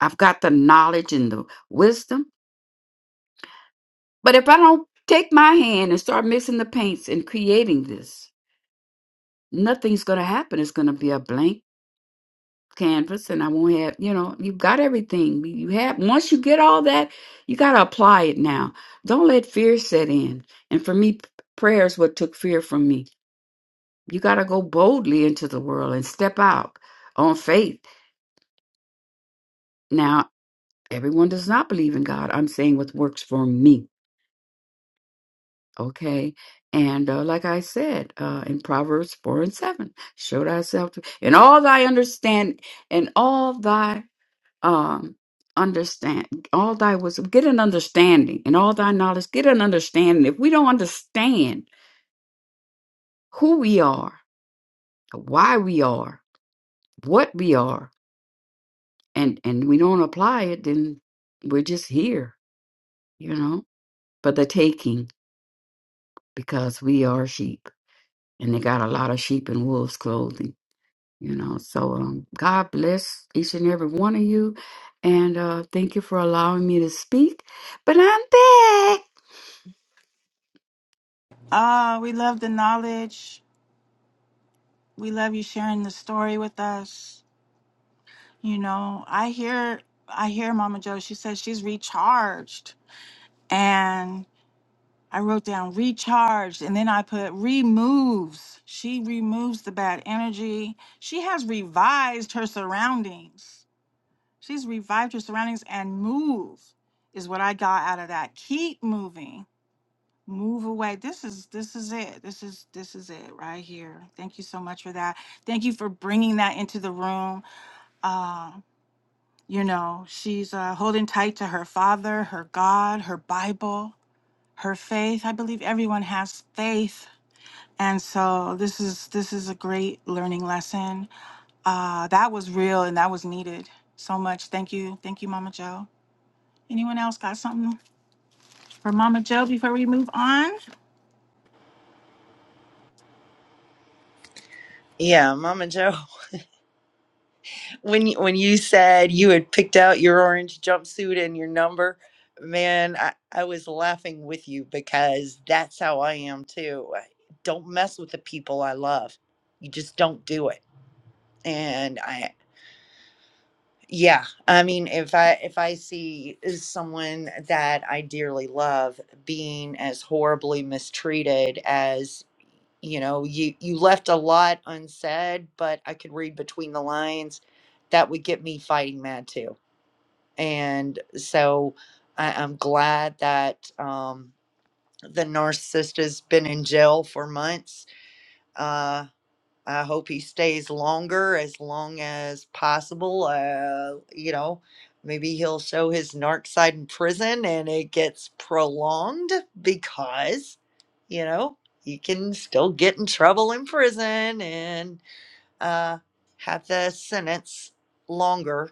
I've got the knowledge and the wisdom. But if I don't take my hand and start mixing the paints and creating this, nothing's going to happen. It's going to be a blank canvas, and I won't have, you know, you've got everything. You have, once you get all that, you got to apply it now. Don't let fear set in. And for me, p- prayer is what took fear from me. You got to go boldly into the world and step out on faith. Now, everyone does not believe in God. I'm saying what works for me. Okay. And uh, like I said uh, in Proverbs 4 and 7, show thyself to, in all thy understand, and all thy um understand all thy wisdom get an understanding and all thy knowledge get an understanding if we don't understand who we are why we are what we are and and we don't apply it then we're just here you know for the taking because we are sheep and they got a lot of sheep in wolves clothing you know so um god bless each and every one of you and uh thank you for allowing me to speak but i'm back
Ah, we love the knowledge. We love you sharing the story with us. You know, I hear I hear Mama Joe. She says she's recharged. And I wrote down recharged and then I put removes. She removes the bad energy. She has revised her surroundings. She's revived her surroundings and move is what I got out of that. Keep moving. Move away. This is this is it. This is this is it right here. Thank you so much for that. Thank you for bringing that into the room. Uh, you know, she's uh, holding tight to her father, her God, her Bible, her faith. I believe everyone has faith and so this is this is a great learning lesson. Uh, that was real and that was needed so much. Thank you, thank you, Mama Joe. Anyone else got something for Mama Joe before we move on?
Yeah, Mama Joe, when you, when you said you had picked out your orange jumpsuit and your number, man, I, I was laughing with you because that's how I am too. I- Don't mess with the people I love. You just don't do it. And I Yeah, I mean, if I if I see uh, someone that I dearly love being as horribly mistreated as, you know, you you left a lot unsaid, but I could read between the lines, that would get me fighting mad too. And so I, I'm glad that um, the narcissist has been in jail for months uh, I hope he stays longer as long as possible. Uh, you know, maybe he'll show his narc side in prison and it gets prolonged because, you know, he can still get in trouble in prison and uh, have the sentence longer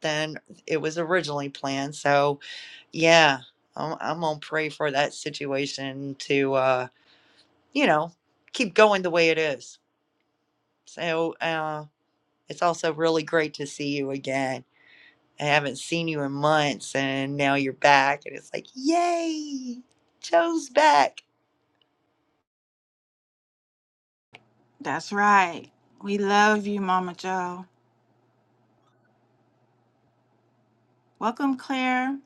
than it was originally planned. So, yeah, I'm, I'm going to pray for that situation to, uh, you know, keep going the way it is. So, uh, it's also really great to see you again. I haven't seen you in months and now you're back and it's like, "Yay! Joe's back."
That's right. We love you, Mama Joe. Welcome, Claire.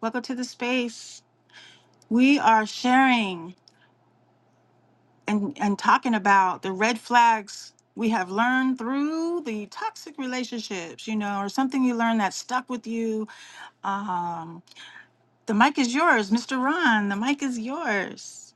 Welcome to the space. We are sharing and, and talking about the red flags we have learned through the toxic relationships, you know, or something you learned that stuck with you um, The mic is yours, Mr. Ron. The mic is yours.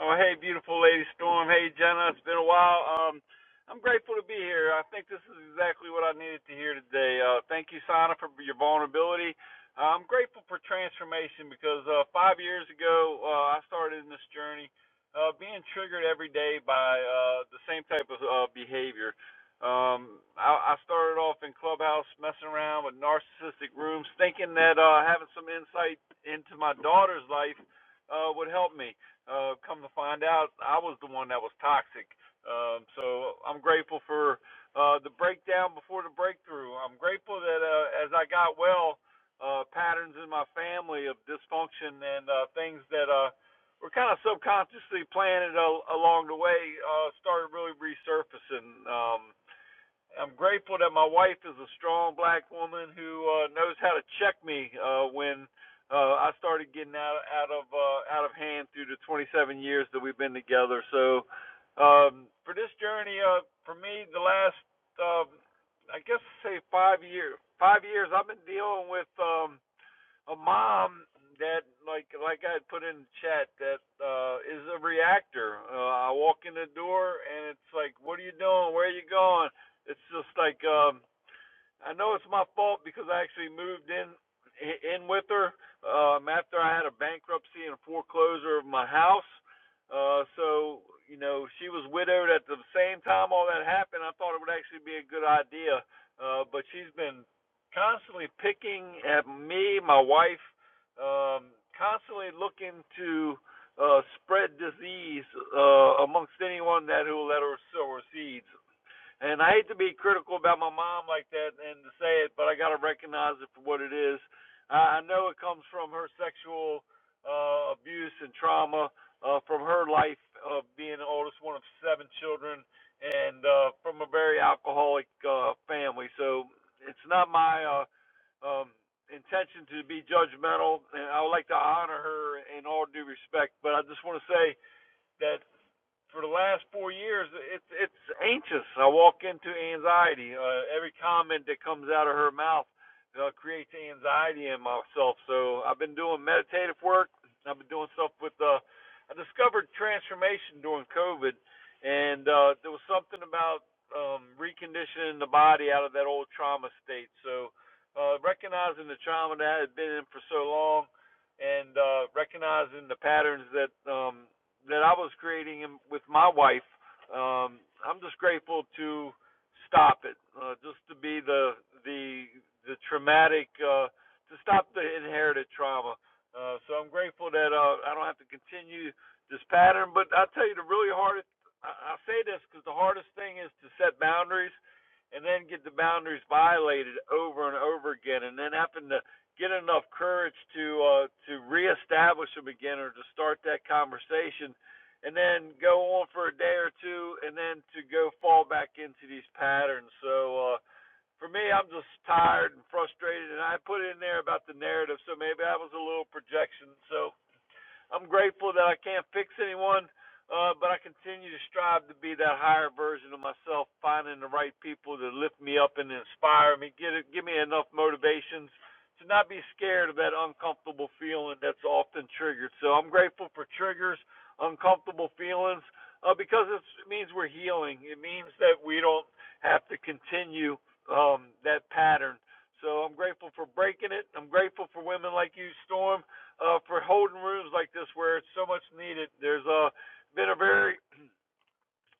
Oh, hey, beautiful lady Storm. Hey, Jenna. It's been a while. Um, I'm grateful to be here. I think this is exactly what I needed to hear today. Uh, thank you, Sana, for your vulnerability. Uh, I'm grateful for transformation because uh, five years ago uh, I started in this journey, uh, being triggered every day by uh, the same type of uh, behavior. Um, I, I started off in Clubhouse messing around with narcissistic rooms, thinking that uh, having some insight into my daughter's life uh, would help me. Uh, come to find out, I was the one that was toxic. Um, so I'm grateful for uh, the breakdown before the breakthrough. I'm grateful that uh, as I got well, uh, patterns in my family of dysfunction and uh, things that uh, were kind of subconsciously planted al along the way uh, started really resurfacing. Um, I'm grateful that my wife is a strong black woman who uh, knows how to check me uh, when uh, I started getting out out of uh, out of hand through the 27 years that we've been together. So um, for this journey, uh, for me, the last um, I guess say five years five years I've been dealing with um, a mom that like like I put in the chat that uh is a reactor. Uh, I walk in the door and it's like, "What are you doing? Where are you going?" It's just like um I know it's my fault because I actually moved in in with her um, after I had a bankruptcy and a foreclosure of my house. Uh, so you know she was widowed at the same time all that happened. I thought it would actually be a good idea, uh, but she's been constantly picking at me, my wife, um, constantly looking to uh, spread disease uh, amongst anyone that who will let her sow her seeds and I hate to be critical about my mom like that and to say it, but I got to recognize it for what it is. I, know it comes from her sexual uh, abuse and trauma, uh, from her life of being the oldest one of seven children, and uh, from a very alcoholic uh, family. So it's not my uh, um, intention to be judgmental, and I would like to honor her in all due respect. But I just want to say that for the last four years, it's it's anxious. I walk into anxiety. Uh, every comment that comes out of her mouth uh, creates anxiety in myself. So I've been doing meditative work. I've been doing stuff with. Uh, I discovered transformation during COVID, and uh, there was something about um, reconditioning the body out of that old trauma state. So uh, recognizing the trauma that I had been in for so long, and uh, recognizing the patterns that um, that I was creating with my wife. Um, I'm just grateful to stop it, uh, just to be the the the traumatic, uh, to stop the inherited trauma. Uh, so I'm grateful that uh, I don't have to continue this pattern. But I tell you, the really hardest I, I say this because the hardest thing is to set boundaries and then get the boundaries violated over and over again, and then having to get enough courage to uh, to reestablish them again or to start that conversation, and then go on for a day or two, and then to go fall back into these patterns. So uh, for me, I'm just tired and frustrated, and I put in there about the narrative, so maybe I was a little projection. So I'm grateful that I can't fix anyone, uh, but I continue to strive to be that higher version of myself, finding the right people to lift me up and inspire me, get it, give me enough motivations to not be scared of that uncomfortable feeling that's often triggered. So I'm grateful for triggers, uncomfortable feelings, uh, because it's, it means we're healing. It means that we don't have to continue um, that pattern. So I'm grateful for breaking it. I'm grateful for women like you, Storm uh, for holding rooms like this where it's so much needed. There's uh, been a very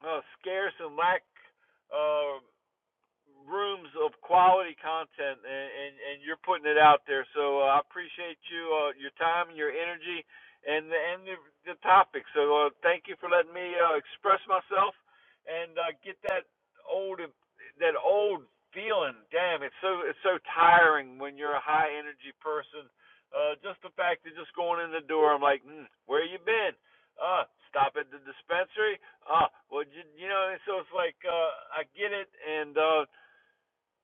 uh, scarce and lack uh, rooms of quality content, and, and, and you're putting it out there. So uh, I appreciate you, uh, your time, and your energy, and the, and the, the topic. So uh, thank you for letting me uh, express myself and uh, get that old that old feeling. Damn, it's so it's so tiring when you're a high energy person. Uh, just the fact that just going in the door, I'm like, mm, where you been? Uh, stop at the dispensary. Uh, well, you, you know, and so it's like uh, I get it, and uh,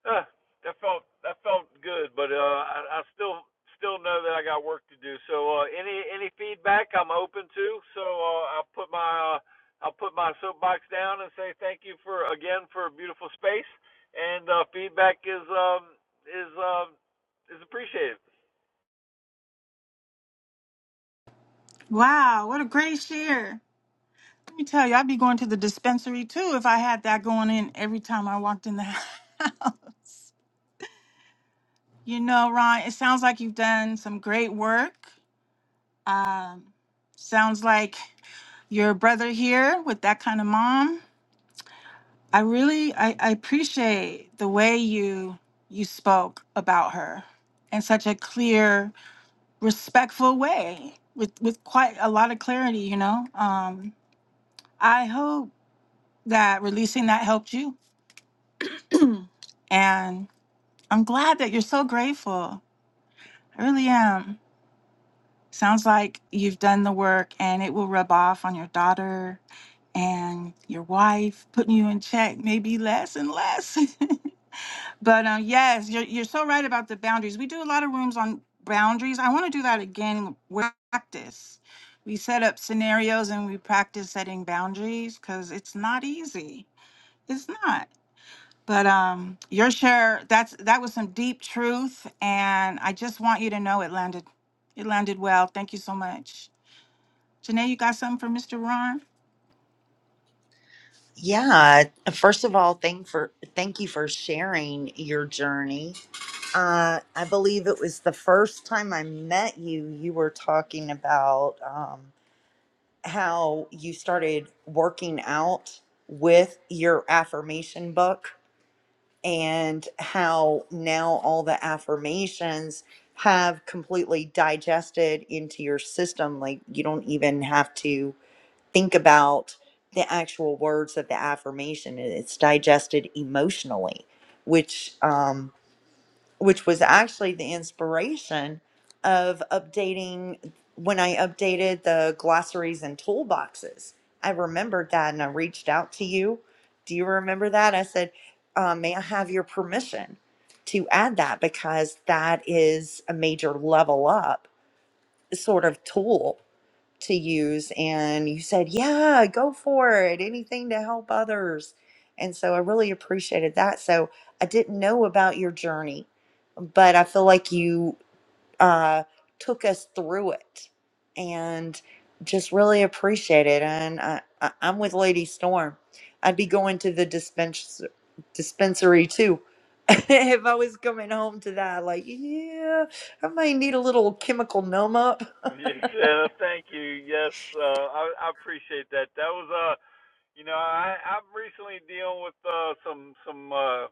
uh, that felt that felt good, but uh, I, I still still know that I got work to do. So uh, any any feedback, I'm open to. So uh, I'll put my uh, I'll put my soapbox down and say thank you for again for a beautiful space. And uh, feedback is um is um is appreciated.
Wow, what a great share. Let me tell you, I'd be going to the dispensary too if I had that going in every time I walked in the house. You know, Ron, it sounds like you've done some great work. Um, sounds like your brother here with that kind of mom. I really I, I appreciate the way you you spoke about her in such a clear respectful way with with quite a lot of clarity you know um i hope that releasing that helped you and i'm glad that you're so grateful i really am sounds like you've done the work and it will rub off on your daughter and your wife putting you in check maybe less and less But um, yes, you're, you're so right about the boundaries. We do a lot of rooms on boundaries. I want to do that again with practice. We set up scenarios and we practice setting boundaries because it's not easy. It's not. But um, your share that's that was some deep truth, and I just want you to know it landed, it landed well. Thank you so much, Janae. You got something for Mr. Ron?
Yeah, uh, first of all, thank for thank you for sharing your journey. Uh, I believe it was the first time I met you, you were talking about um, how you started working out with your affirmation book and how now all the affirmations have completely digested into your system. Like you don't even have to think about the actual words of the affirmation, it- it's digested emotionally, which, um, which was actually the inspiration of updating when I updated the glossaries and toolboxes. I remembered that and I reached out to you. Do you remember that? I said, uh, May I have your permission to add that because that is a major level up sort of tool to use and you said yeah go for it anything to help others and so i really appreciated that so i didn't know about your journey but i feel like you uh, took us through it and just really appreciate it and I, I, i'm with lady storm i'd be going to the dispens- dispensary too if i was coming home to that like yeah i might need a little chemical numb up
Yes, uh, thank you. Yes, uh, I, I appreciate that. That was uh You know, I I'm recently dealing with uh some some uh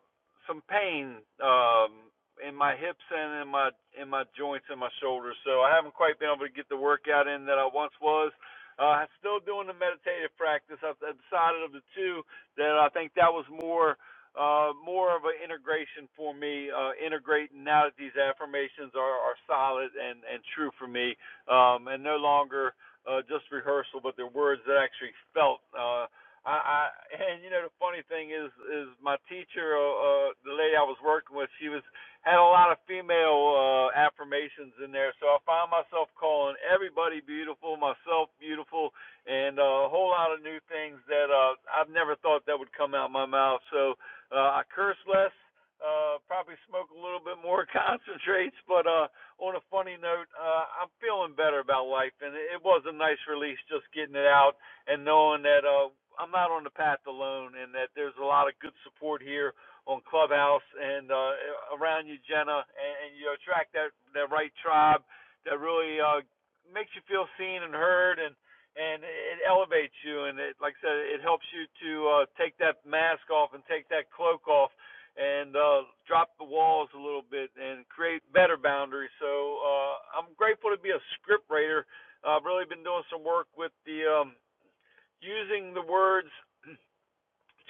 some pain um in my hips and in my in my joints and my shoulders. So I haven't quite been able to get the workout in that I once was. Uh I'm still doing the meditative practice. I've I've decided of the two that I think that was more uh, more of an integration for me, uh, integrating now that these affirmations are, are solid and, and true for me, um, and no longer uh, just rehearsal, but they're words that I actually felt. Uh, I, I and you know the funny thing is is my teacher, uh, uh, the lady I was working with, she was had a lot of female uh, affirmations in there, so I found myself calling everybody beautiful, myself beautiful, and uh, a whole lot of new things that uh, I've never thought that would come out my mouth. So uh, I curse less. Uh, probably smoke a little bit more concentrates, but uh, on a funny note, uh, I'm feeling better about life, and it was a nice release just getting it out and knowing that uh, I'm not on the path alone, and that there's a lot of good support here on Clubhouse and uh, around you, Jenna, and, and you attract that that right tribe that really uh, makes you feel seen and heard, and and it elevates you, and it, like I said, it helps you to uh, take that mask off and take that cloak off. And uh, drop the walls a little bit and create better boundaries. So uh, I'm grateful to be a script writer I've really been doing some work with the um, using the words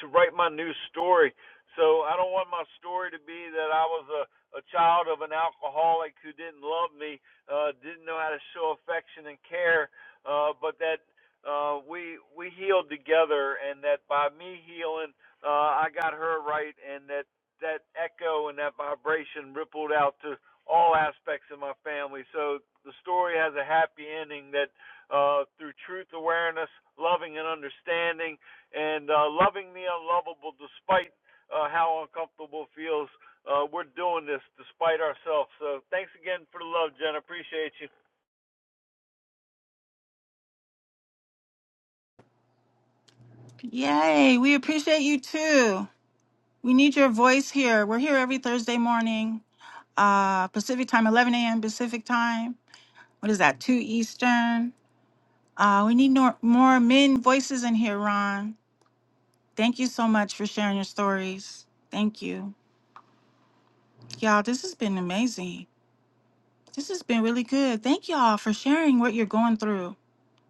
to write my new story. So I don't want my story to be that I was a, a child of an alcoholic who didn't love me, uh, didn't know how to show affection and care, uh, but that uh, we we healed together, and that by me healing, uh, I got her right, and that that echo and that vibration rippled out to all aspects of my family. So the story has a happy ending that uh, through truth awareness, loving and understanding and uh, loving the unlovable despite uh, how uncomfortable it feels. Uh, we're doing this despite ourselves. So thanks again for the love, Jen. I Appreciate you.
Yay! We appreciate you too. We need your voice here. We're here every Thursday morning uh, Pacific time, 11 a.m. Pacific time. What is that? 2 Eastern. Uh, we need nor- more men voices in here, Ron. Thank you so much for sharing your stories. Thank you. Y'all, this has been amazing. This has been really good. Thank y'all for sharing what you're going through.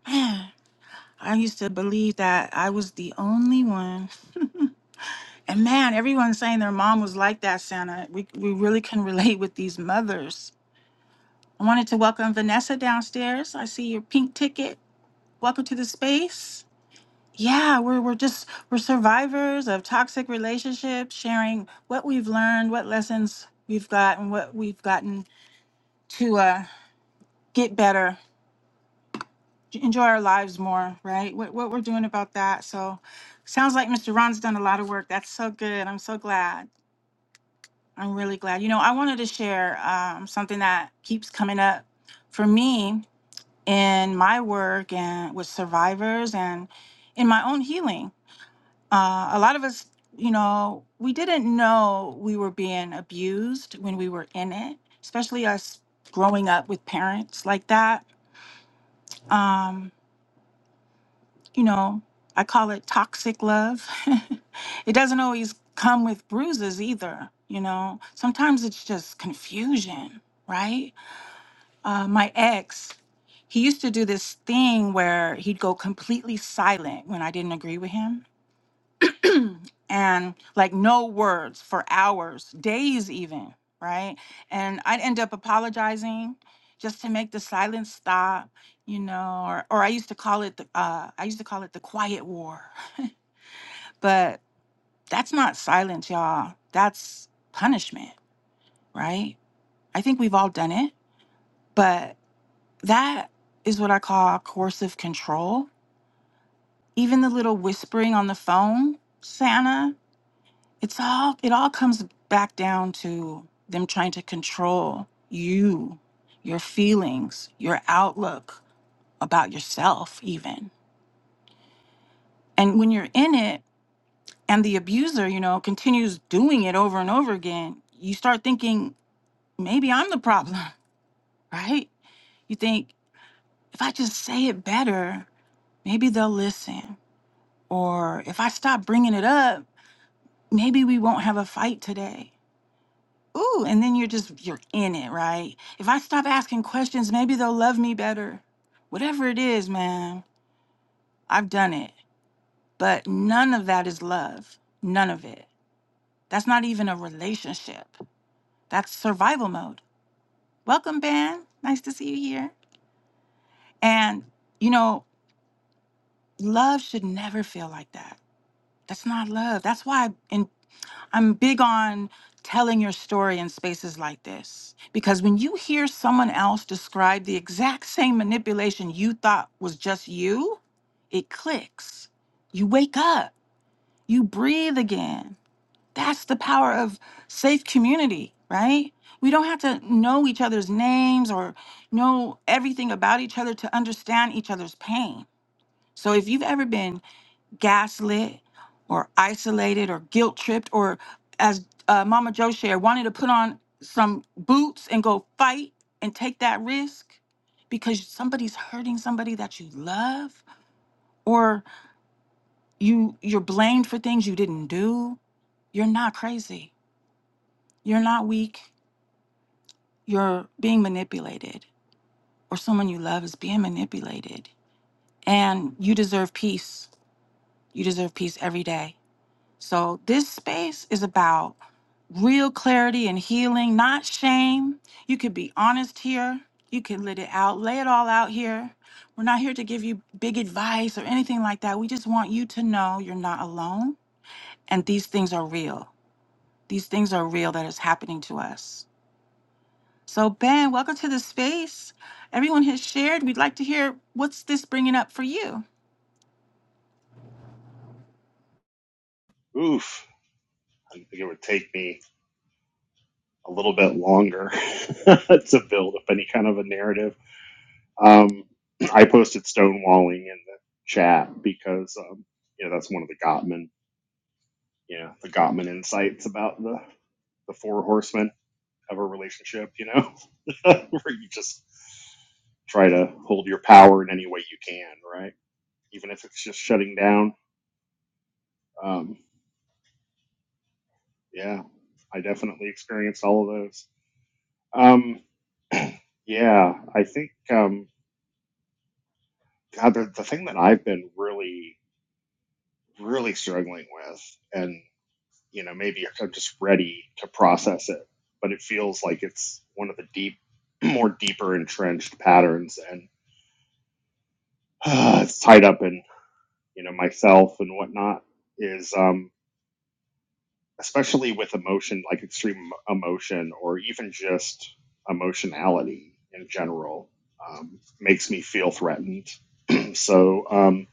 Man, I used to believe that I was the only one. And man, everyone's saying their mom was like that, Santa. We, we really can relate with these mothers. I wanted to welcome Vanessa downstairs. I see your pink ticket. Welcome to the space. Yeah, we're we're just we're survivors of toxic relationships, sharing what we've learned, what lessons we've gotten, what we've gotten to uh, get better, to enjoy our lives more, right? What what we're doing about that. So, sounds like Mr. Ron's done a lot of work. That's so good. I'm so glad. I'm really glad. You know, I wanted to share um, something that keeps coming up for me in my work and with survivors and in my own healing Uh, a lot of us, you know, we didn't know we were being abused when we were in it, especially us growing up with parents like that. Um, you know, I call it toxic love. it doesn't always come with bruises either, you know. Sometimes it's just confusion, right? Uh, my ex, he used to do this thing where he'd go completely silent when I didn't agree with him and like no words for hours, days even, right? And I'd end up apologizing just to make the silence stop, you know, or or I used to call it the uh I used to call it the quiet war. But that's not silence, y'all. That's punishment, right? I think we've all done it, but that is what I call coercive control. Even the little whispering on the phone, Santa. It's all it all comes back down to them trying to control you, your feelings, your outlook about yourself even. And when you're in it and the abuser, you know, continues doing it over and over again, you start thinking maybe I'm the problem, right? You think if I just say it better, maybe they'll listen. Or if I stop bringing it up, maybe we won't have a fight today Ooh, and then you're just you're in it, right? If I stop asking questions, maybe they'll love me better. Whatever it is, man, I've done it. But none of that is love. None of it. That's not even a relationship. That's survival mode. Welcome, Ben. Nice to see you here. And you know, love should never feel like that. That's not love. That's why I'm big on telling your story in spaces like this because when you hear someone else describe the exact same manipulation you thought was just you, it clicks. You wake up, you breathe again. That's the power of safe community, right? We don't have to know each other's names or know everything about each other to understand each other's pain. So if you've ever been gaslit or isolated or guilt tripped or as uh, mama joe shared wanted to put on some boots and go fight and take that risk because somebody's hurting somebody that you love or you you're blamed for things you didn't do you're not crazy you're not weak you're being manipulated or someone you love is being manipulated and you deserve peace you deserve peace every day So this space is about real clarity and healing, not shame. You can be honest here. You can let it out, lay it all out here. We're not here to give you big advice or anything like that. We just want you to know you're not alone and these things are real. These things are real that is happening to us. So, Ben, welcome to the space. Everyone has shared. We'd like to hear what's this bringing up for you?
Oof. I think it would take me a little bit longer to build up any kind of a narrative. Um, I posted stonewalling in the chat because, um, you know, that's one of the Gottman, you know, the Gottman insights about the, the four horsemen of a relationship, you know, where you just try to hold your power in any way you can, right? Even if it's just shutting down. Um, yeah, I definitely experienced all of those. Um, yeah, I think um, God, the, the thing that I've been really, really struggling with, and you know, maybe I'm just ready to process it, but it feels like it's one of the deep, more deeper entrenched patterns, and it's tied up in you know myself and whatnot. Is um, especially with emotion, like extreme emotion, or even just emotionality in general, um, makes me feel threatened So, um,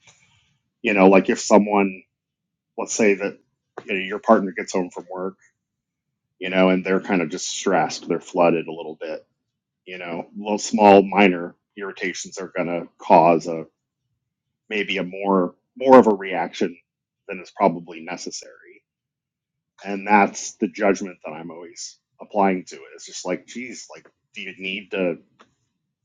you know, like if someone, let's say that you know, your partner gets home from work, you know, and they're kind of just stressed, they're flooded a little bit, you know, little small minor irritations are going to cause a maybe a more more of a reaction than is probably necessary. And that's the judgment that I'm always applying to it. It's just like, geez, like, do you need to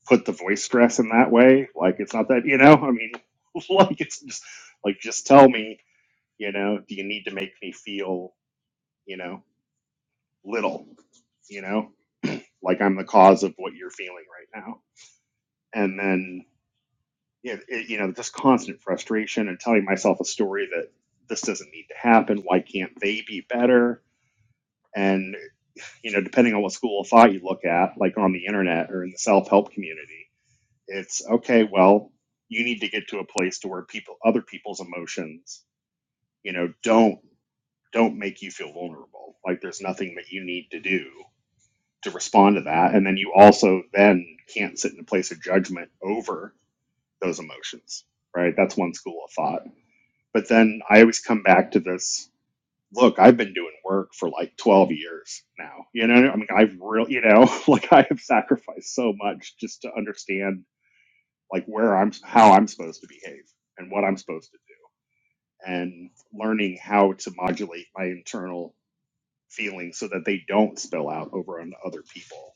put the voice stress in that way? Like, it's not that, you know, I mean, like, it's just like, just tell me You know, do you need to make me feel, you know, little, you know, like I'm the cause of what you're feeling right now? And then, yeah, it, you know, just constant frustration and telling myself a story that this doesn't need to happen. Why can't they be better? And, you know, depending on what school of thought you look at, like on the internet or in the self help community, it's okay, well, you need to get to a place to where people, other people's emotions, you know, don't don't make you feel vulnerable. Like there's nothing that you need to do to respond to that. And then you also then can't sit in a place of judgment over those emotions, right? That's one school of thought. But then I always come back to this look, I've been doing work for like 12 years now. You know, I mean, I've really, you know, like I have sacrificed so much just to understand like where I'm, how I'm supposed to behave and what I'm supposed to do and learning how to modulate my internal feeling so that they don't spill out over on other people.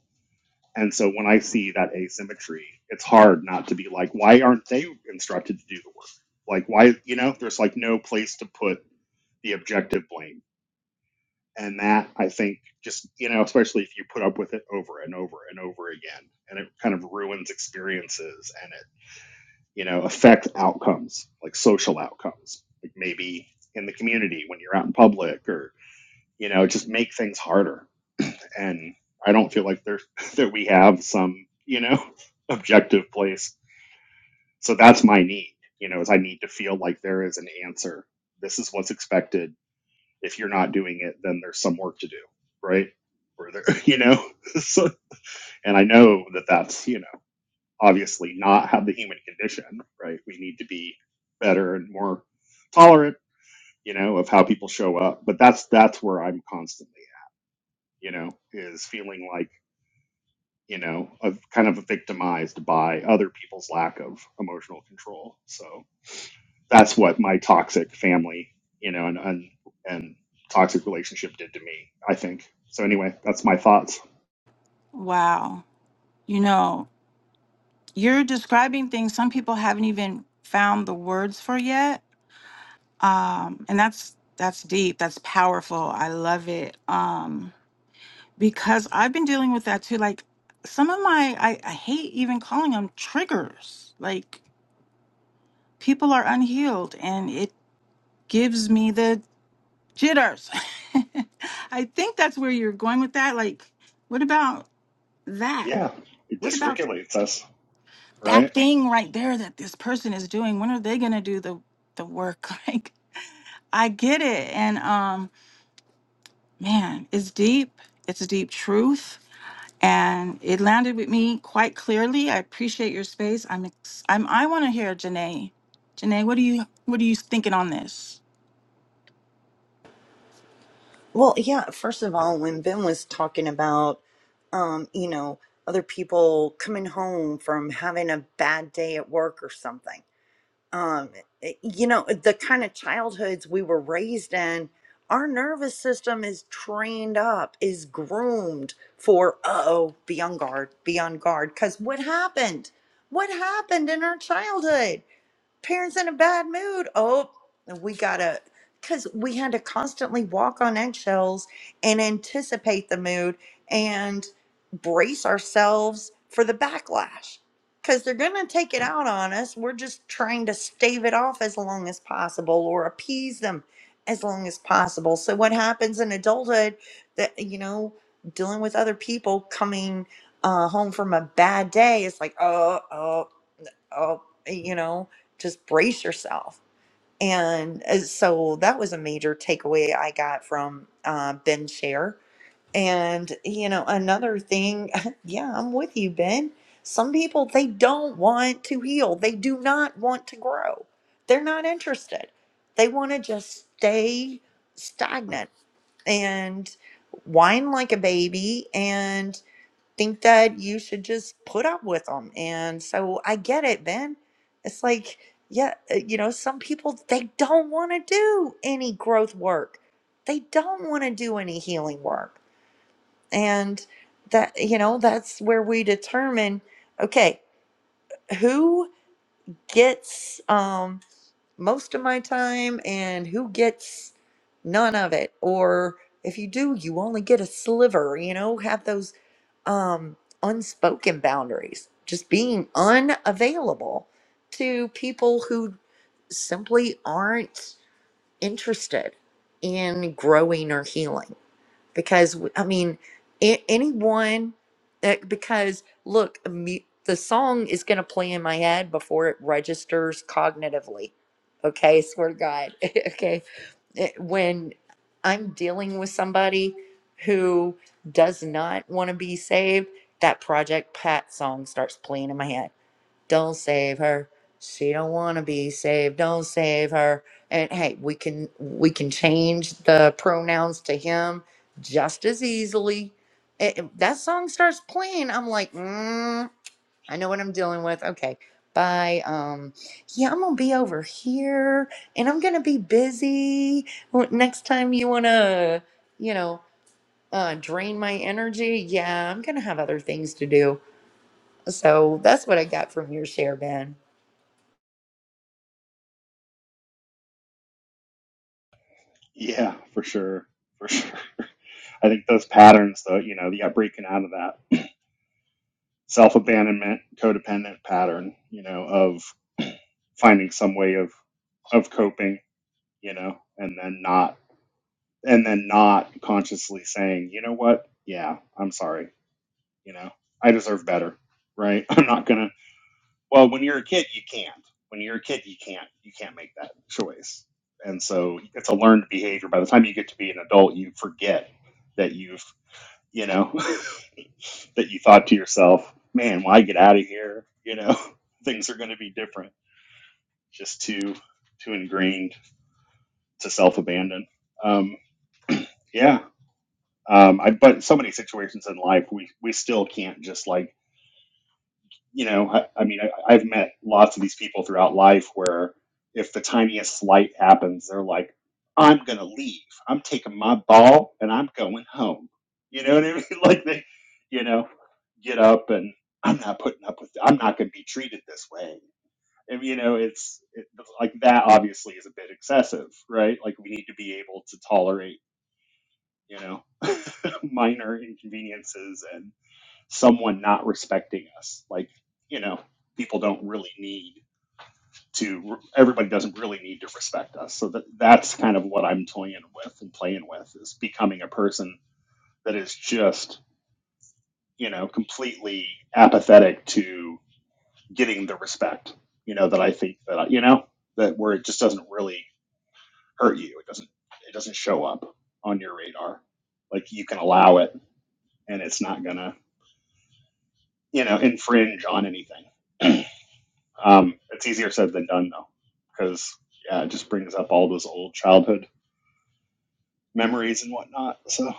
And so when I see that asymmetry, it's hard not to be like, why aren't they instructed to do the work? Like, why, you know, there's like no place to put the objective blame. And that I think just, you know, especially if you put up with it over and over and over again, and it kind of ruins experiences and it, you know, affects outcomes, like social outcomes, like maybe in the community when you're out in public or, you know, just make things harder and I don't feel like there's that we have some you know objective place. So that's my need. You know, is I need to feel like there is an answer. This is what's expected. If you're not doing it, then there's some work to do, right? Or there, you know, so, and I know that that's you know obviously not how the human condition, right? We need to be better and more tolerant, you know, of how people show up. But that's that's where I'm constantly, at, you know, is feeling like you know, of kind of victimized by other people's lack of emotional control. So that's what my toxic family, you know, and and, and toxic relationship did to me, I think. So anyway, that's my thoughts.
Wow. You know, you're describing things some people haven't even found the words for yet Um, and that's that's deep that's powerful i love it um because i've been dealing with that too like some of my i, I hate even calling them triggers like people are unhealed and it gives me the jitters i think that's where you're going with that like what about that
Yeah, it
what about
dysregulates us,
that
right?
thing right there that this person is doing when are they going to do the the work like I get it. And um, man, it's deep. It's a deep truth. And it landed with me quite clearly. I appreciate your space. I'm ex- I'm I want to hear Janae. Janae, what do you what are you thinking on this?
Well, yeah, first of all, when Ben was talking about, um, you know, other people coming home from having a bad day at work or something, um, it- you know, the kind of childhoods we were raised in, our nervous system is trained up, is groomed for, uh-oh, be on guard, be on guard. Because what happened? What happened in our childhood? parents in a bad mood. Oh, we gotta, because we had to constantly walk on eggshells and anticipate the mood and brace ourselves for the backlash. Because they're gonna take it out on us. We're just trying to stave it off as long as possible or appease them as long as possible. So, what happens in adulthood that, you know, dealing with other people coming uh, home from a bad day, it's like, oh, oh oh, you know, just brace yourself. And uh, so that was a major takeaway I got from uh, Ben Share. And, you know, another thing, yeah, I'm with you, Ben. Some people, they don't want to heal, they do not want to grow, they're not interested. They want to just stay stagnant and whine like a baby and think that you should just put up with them. And so I get it, Ben. It's like, yeah, uh, you know, some people, they don't want to do any growth work, they don't want to do any healing work. And that, you know, that's where we determine okay, who gets, um, most of my time and who gets none of it or if you do you only get a sliver you know have those um unspoken boundaries just being unavailable to people who simply aren't interested in growing or healing because I mean, a- anyone that because look, mu- the song is going to play in my head before it registers cognitively. Okay, swear to God. okay, It- when I'm dealing with somebody who does not want to be saved, that Project Pat song starts playing in my head don't save her she don't want to be saved don't save her and hey we can we can change the pronouns to him just as easily I- I- that song starts playing i'm like mm, i know what i'm dealing with okay bye um yeah i'm gonna be over here and i'm gonna be busy Wh- next time you wanna you know uh drain my energy yeah i'm gonna have other things to do so that's what i got from your share ben
Yeah, for sure. For sure. I think those patterns though, you know, yeah, breaking out of that self-abandonment, codependent pattern, you know, of finding some way of of coping, you know, and then not and then not consciously saying, you know what? Yeah, I'm sorry. You know, I deserve better, right? I'm not gonna. Well, when you're a kid, you can't. When you're a kid, you can't. You can't make that choice, and so it's a learned behavior. By the time you get to be an adult, you forget that you've, you know, that you thought to yourself, "Man, when I get out of here, you know, things are going to be different." Just too, too ingrained to self abandon. Um, yeah, Um, I, but so many situations in life, we, we still can't just like, you know, I, I mean, I, I've met lots of these people throughout life where if the tiniest slight happens, they're like, I'm going to leave. I'm taking my ball and I'm going home. You know what I mean? Like they, you know, get up and I'm not putting up with, I'm not going to be treated this way. And, you know, it's it, like that obviously is a bit excessive, right? Like we need to be able to tolerate you know, minor inconveniences and someone not respecting us. Like, you know, people don't really need to, everybody doesn't really need to respect us. So that, that's kind of what I'm toying with and playing with is becoming a person that is just, you know, completely apathetic to getting the respect, you know, that I think that, you know, that where it just doesn't really hurt you. It doesn't, it doesn't show up on your radar. Like you can allow it and it's not gonna you know, infringe on anything. Um, it's easier said than done though, because yeah, it just brings up all those old childhood memories and whatnot. So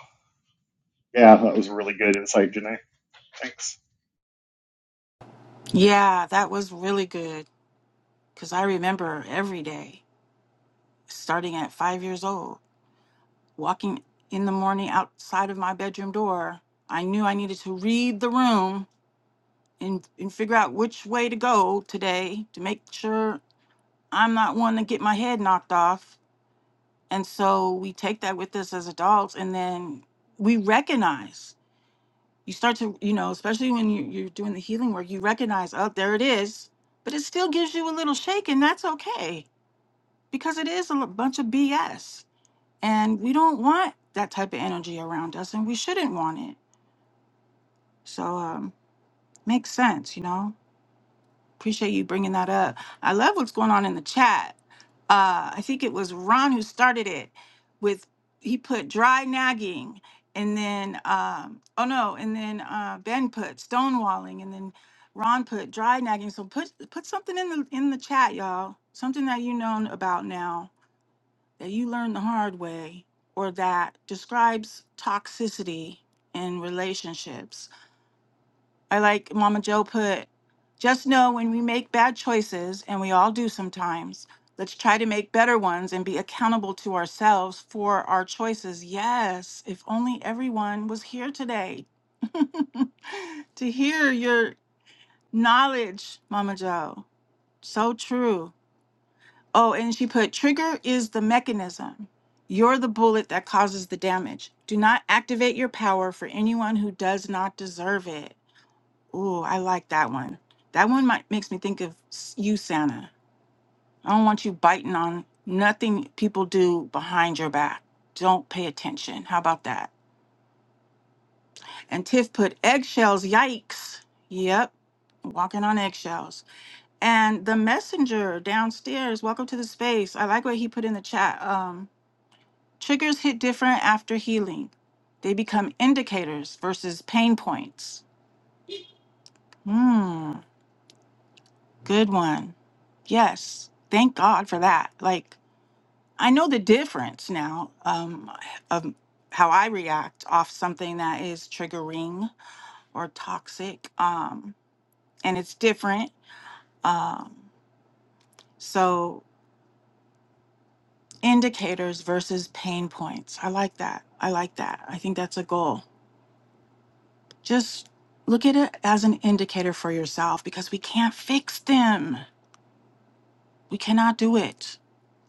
yeah, that was really good insight, Janae. Thanks.
Yeah, that was really good cuz I remember every day starting at 5 years old walking in the morning outside of my bedroom door. I knew I needed to read the room and and figure out which way to go today to make sure I'm not one to get my head knocked off. And so we take that with us as adults. And then we recognize, you start to, you know, especially when you, you're doing the healing work, you recognize, oh, there it is. But it still gives you a little shake, and that's okay because it is a l- bunch of BS. And we don't want that type of energy around us, and we shouldn't want it. So, um, makes sense, you know? Appreciate you bringing that up. I love what's going on in the chat. Uh, I think it was Ron who started it with he put dry nagging, and then um, oh no, and then uh, Ben put stonewalling, and then Ron put dry nagging. So put put something in the in the chat, y'all. Something that you know about now that you learned the hard way, or that describes toxicity in relationships I like Mama Joe put, just know when we make bad choices, and we all do sometimes, let's try to make better ones and be accountable to ourselves for our choices. Yes, if only everyone was here today to hear your knowledge, Mama Joe. So true. Oh, and she put, trigger is the mechanism. You're the bullet that causes the damage. Do not activate your power for anyone who does not deserve it. Ooh, I like that one. That one might makes me think of s- you, Santa. I don't want you biting on nothing people do behind your back. Don't pay attention. How about that? And Tiff put eggshells. Yikes. Yep. Walking on eggshells. And the messenger downstairs, welcome to the space. I like what he put in the chat. Um, triggers hit different after healing. They become indicators versus pain points. Hmm. Good one. Yes. Thank God for that. Like, I know the difference now um, of how I react off something that is triggering or toxic. Um, and it's different. Um, so, indicators versus pain points. I like that. I like that. I think that's a goal. Just look at it as an indicator for yourself because we can't fix them. We cannot do it.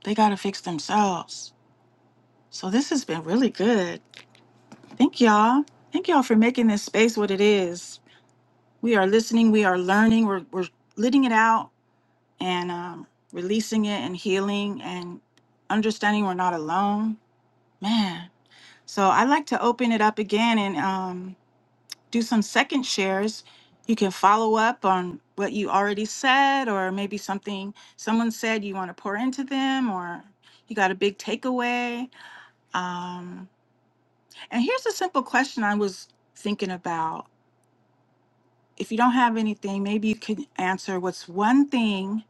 They got to fix themselves. So, this has been really good. Thank y'all. Thank y'all for making this space what it is. We are listening, we are learning, we're, we're letting it out and um, releasing it and healing and understanding we're not alone. Man. So I'd like to open it up again and um, do some second shares. You can follow up on what you already said, or maybe something someone said you want to pour into them, or you got a big takeaway. Um, and here's a simple question I was thinking about if you don't have anything, maybe you can answer what's one thing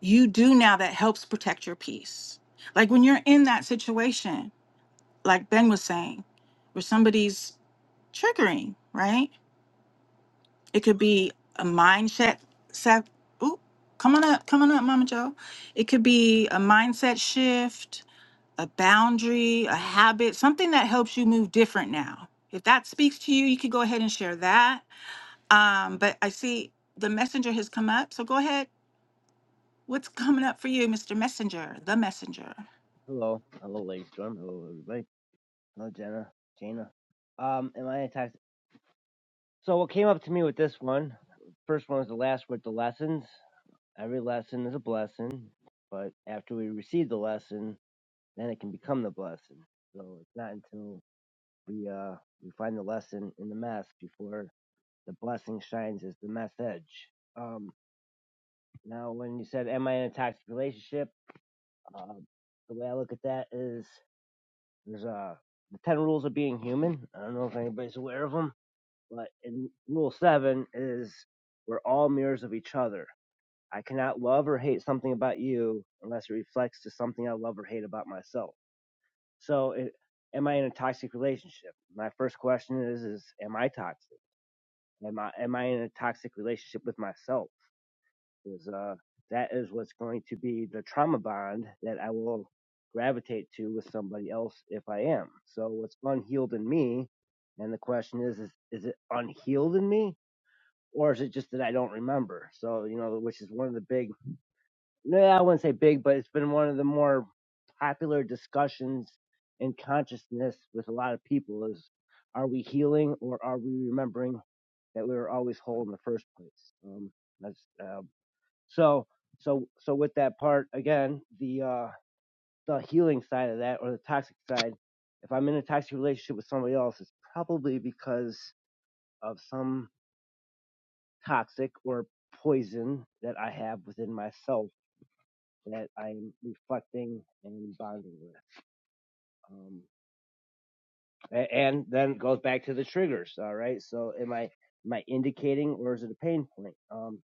you do now that helps protect your peace. Like when you're in that situation, like Ben was saying, where somebody's triggering, right? It could be a mindset set. Ooh, come on up, come on up, Mama Joe. It could be a mindset shift, a boundary, a habit, something that helps you move different now. If that speaks to you, you could go ahead and share that um, but I see the messenger has come up. So go ahead. What's coming up for you, Mr. Messenger? The messenger.
Hello, hello, ladies, Storm. Hello, everybody. Hello, Jenna, Jana. Um, am I attacked? So what came up to me with this one? First one was the last with the lessons. Every lesson is a blessing, but after we receive the lesson, then it can become the blessing. So it's not until we uh we find the lesson in the mess before the blessing shines as the message. Um, now when you said am I in a toxic relationship? Um, the way I look at that is There's uh the ten rules of being human. I don't know if anybody's aware of them, but in rule seven is we're all mirrors of each other. I cannot love or hate something about you unless it reflects to something I love or hate about myself. So, it, am I in a toxic relationship? My first question is: Is am I toxic? Am I am I in a toxic relationship with myself? is uh, that is what's going to be the trauma bond that I will gravitate to with somebody else if I am. So what's unhealed in me, and the question is, is is it unhealed in me, or is it just that I don't remember? So you know, which is one of the big, no, I wouldn't say big, but it's been one of the more popular discussions in consciousness with a lot of people is, are we healing or are we remembering that we were always whole in the first place? Um, that's um, so so so with that part again, the uh the healing side of that or the toxic side, if I'm in a toxic relationship with somebody else, it's probably because of some toxic or poison that I have within myself that I'm reflecting and bonding with. Um a- and then it goes back to the triggers, all right? So am I am I indicating or is it a pain point? Um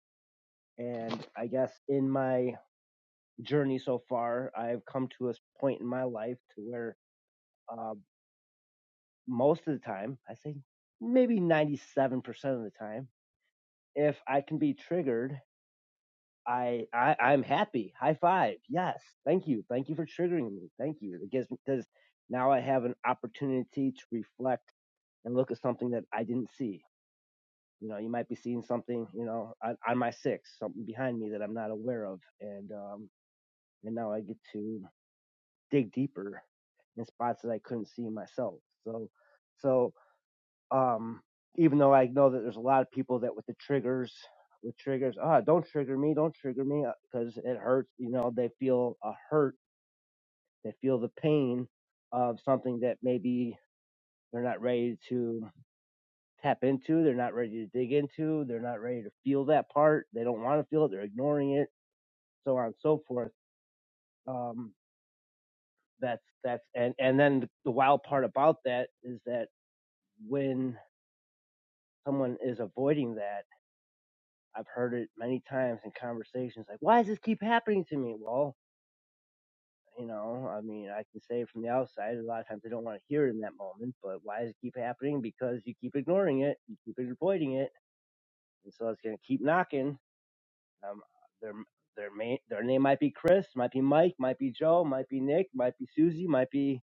and I guess in my journey so far, I've come to a point in my life to where uh, most of the time, I say maybe 97% of the time, if I can be triggered, I, I I'm happy. High five. Yes. Thank you. Thank you for triggering me. Thank you. It gives me because now I have an opportunity to reflect and look at something that I didn't see. You know, you might be seeing something, you know, on, on my six, something behind me that I'm not aware of, and um, and now I get to dig deeper in spots that I couldn't see myself. So, so Um, even though I know that there's a lot of people that with the triggers, with triggers, ah, don't trigger me, don't trigger me, because it hurts. You know, they feel a hurt, they feel the pain of something that maybe they're not ready to tap into, they're not ready to dig into, they're not ready to feel that part, they don't want to feel it, they're ignoring it, so on and so forth. Um, that's that's and and then the wild part about that is that when someone is avoiding that I've heard it many times in conversations like, why does this keep happening to me? Well, you know, I mean, I can say from the outside, a lot of times I don't want to hear it in that moment, but why does it keep happening? Because you keep ignoring it, you keep avoiding it, and so it's going to keep knocking. Um, their their may, their name might be Chris, might be Mike, might be Joe, might be Nick, might be Susie, might be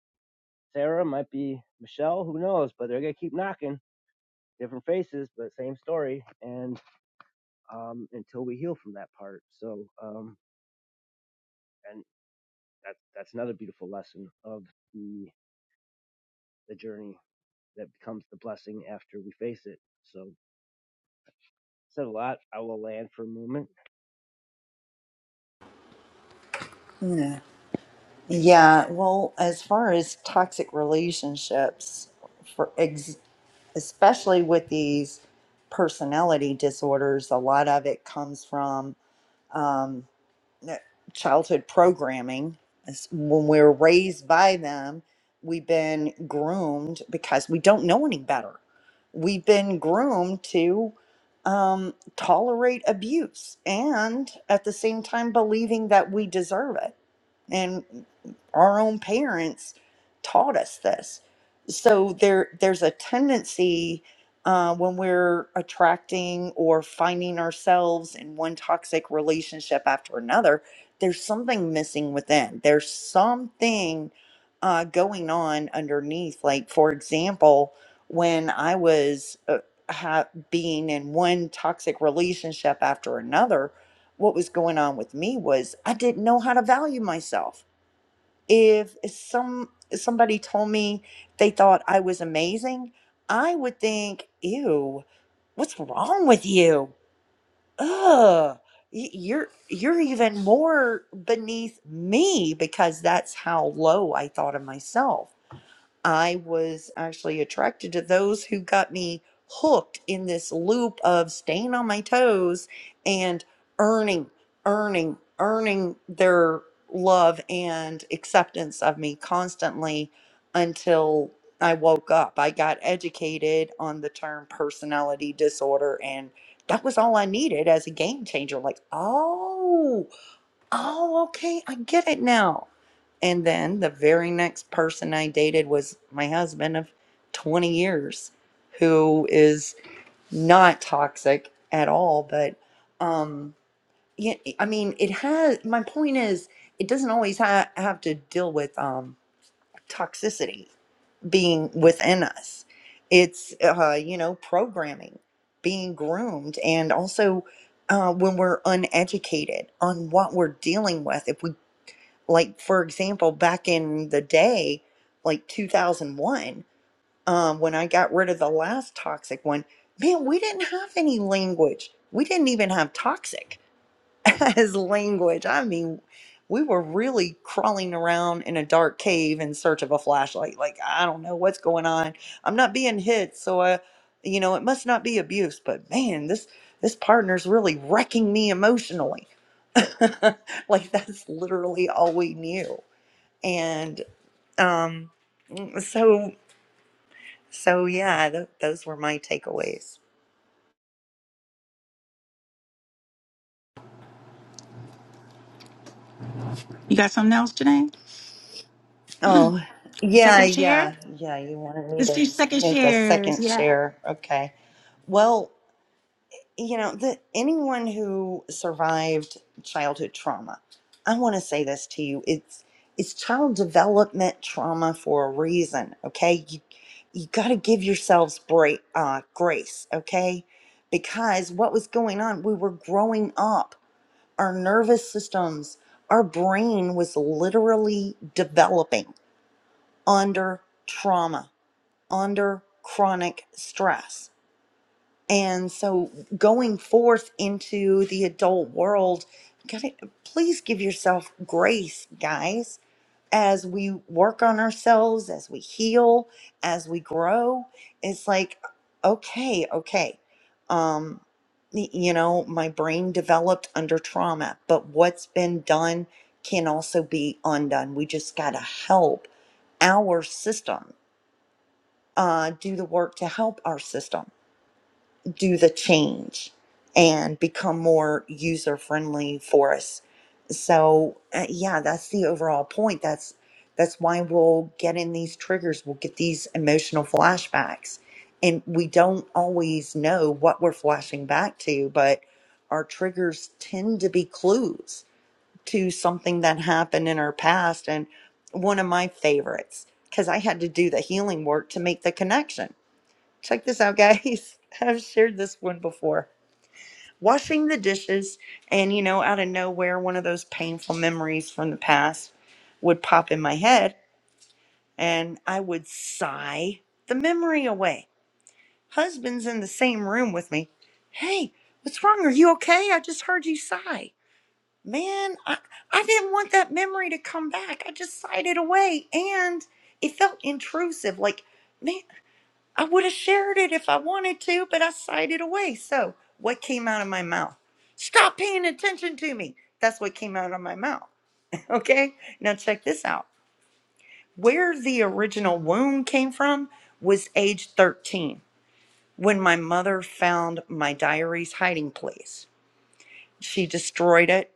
Sarah, might be Michelle, who knows? But they're going to keep knocking, different faces, but same story, and um, until we heal from that part. So, um, and that that's another beautiful lesson of the the journey that becomes the blessing after we face it. So said a lot. I will land for a moment.
Yeah. Yeah. Well, as far as toxic relationships, for ex- especially with these personality disorders, a lot of it comes from. um, uh, childhood programming is when we were raised by them we've been groomed because we don't know any better we've been groomed to um, tolerate abuse and at the same time believing that we deserve it and our own parents taught us this so there there's a tendency uh, when we're attracting or finding ourselves in one toxic relationship after another, there's something missing within. There's something uh, going on underneath. Like, for example, when I was uh, ha- being in one toxic relationship after another, what was going on with me was I didn't know how to value myself if some somebody told me they thought I was amazing, I would think, "Ew, what's wrong with you? Ugh, y- you're you're even more beneath me because that's how low I thought of myself." I was actually attracted to those who got me hooked in this loop of staying on my toes and earning, earning, earning their love and acceptance of me constantly until I woke up. I got educated on the term personality disorder, and that was all I needed as a game changer. Like, oh oh, okay, I get it now. And then the very next person I dated was my husband of 20 years, who is not toxic at all. But, um, yeah, I mean, it has, my point is, it doesn't always ha- have to deal with um, toxicity being within us. It's, uh, you know, programming, being groomed, and also uh, when we're uneducated on what we're dealing with. If we like for example back in the day like 2001 um, when i got rid of the last toxic one man we didn't have any language we didn't even have toxic as language i mean we were really crawling around in a dark cave in search of a flashlight like i don't know what's going on i'm not being hit so i you know it must not be abuse but man this this partner's really wrecking me emotionally like that's literally all we knew and um, mm, so, so yeah, th- those were my takeaways.
You got something else, Janae?
Oh,
Your
yeah,
second share?
yeah, yeah. You wanted me
It's
to
your second
make a
shares.
second
Yeah.
share. Okay. Well, you know, the, anyone who survived childhood trauma, I want to say this to you. It's it's child development trauma for a reason. Okay, you you got to give yourselves break, uh, grace. Okay, because what was going on, we were growing up our nervous systems, our brain was literally developing under trauma, under chronic stress. And so going forth into the adult world, gotta, please give yourself grace, guys as we work on ourselves, as we heal, as we grow, it's like, okay, okay. Um, y- you know, my brain developed under trauma, but what's been done can also be undone. We just got to help our system, uh, do the work to help our system do the change and become more user friendly for us. So uh, yeah, that's the overall point. That's that's why we'll get in these triggers. We'll get these emotional flashbacks, and we don't always know what we're flashing back to, but our triggers tend to be clues to something that happened in our past. And one of my favorites, because I had to do the healing work to make the connection Check this out, guys. I've shared this one before. Washing the dishes, and you know, out of nowhere, one of those painful memories from the past would pop in my head, and I would sigh the memory away. Husband's in the same room with me. Hey, what's wrong? Are you okay? I just heard you sigh. Man, I, I didn't want that memory to come back. I just sighed it away, and it felt intrusive. Like, man. I would have shared it if I wanted to, but I sided away. So, what came out of my mouth? Stop paying attention to me. That's what came out of my mouth. Okay? Now, check this out. Where the original wound came from was age 13 when my mother found my diary's hiding place. She destroyed it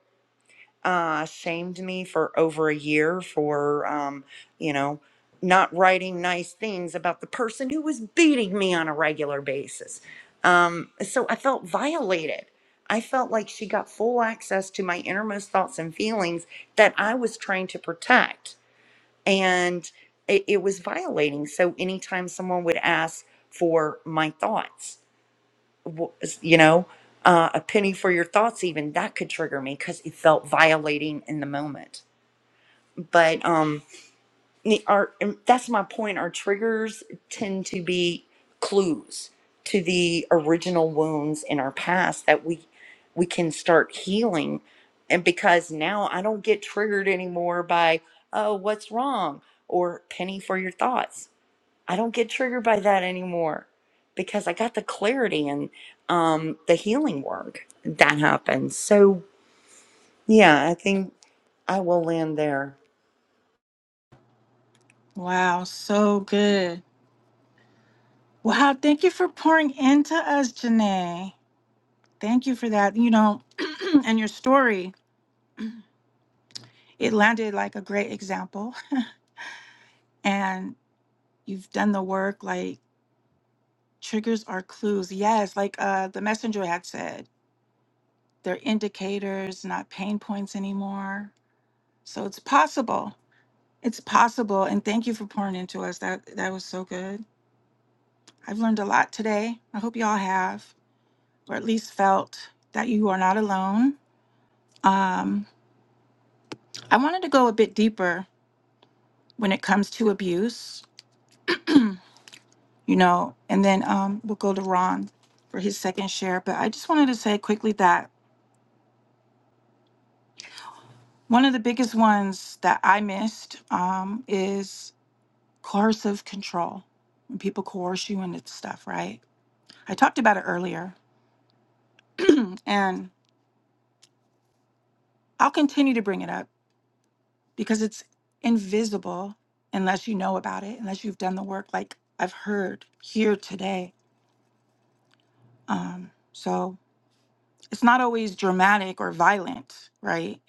uh, shamed me for over a year for, um, you know, not writing nice things about the person who was beating me on a regular basis. Um, so I felt violated. I felt like she got full access to my innermost thoughts and feelings that I was trying to protect. And it, it was violating. So anytime someone would ask for my thoughts, w- you know, uh, a penny for your thoughts, even that could trigger me because it felt violating in the moment. But um, the- our and that's my point. Our triggers tend to be clues to the original wounds in our past that we we can start healing. And because now I don't get triggered anymore by oh, what's wrong or penny for your thoughts. I don't get triggered by that anymore because I got the clarity and um, the healing work that happened. So, yeah, I think I will land there.
Wow. So good. Wow. Thank you for pouring into us, Janae. Thank you for that. You know, and your story, it landed like a great example. And you've done the work like triggers are clues. Yes. Like uh, the messenger had said They're indicators, not pain points anymore. So it's possible. It's possible. And thank you for pouring into us. That that was so good. I've learned a lot today. I hope y'all have, or at least felt that you are not alone. Um, I wanted to go a bit deeper when it comes to abuse, you know, and then um, we'll go to Ron for his second share. But I just wanted to say quickly that one of the biggest ones that I missed um, is coercive control when people coerce you into stuff right i talked about it earlier and i'll continue to bring it up because it's invisible unless you know about it unless you've done the work like i've heard here today um, so it's not always dramatic or violent right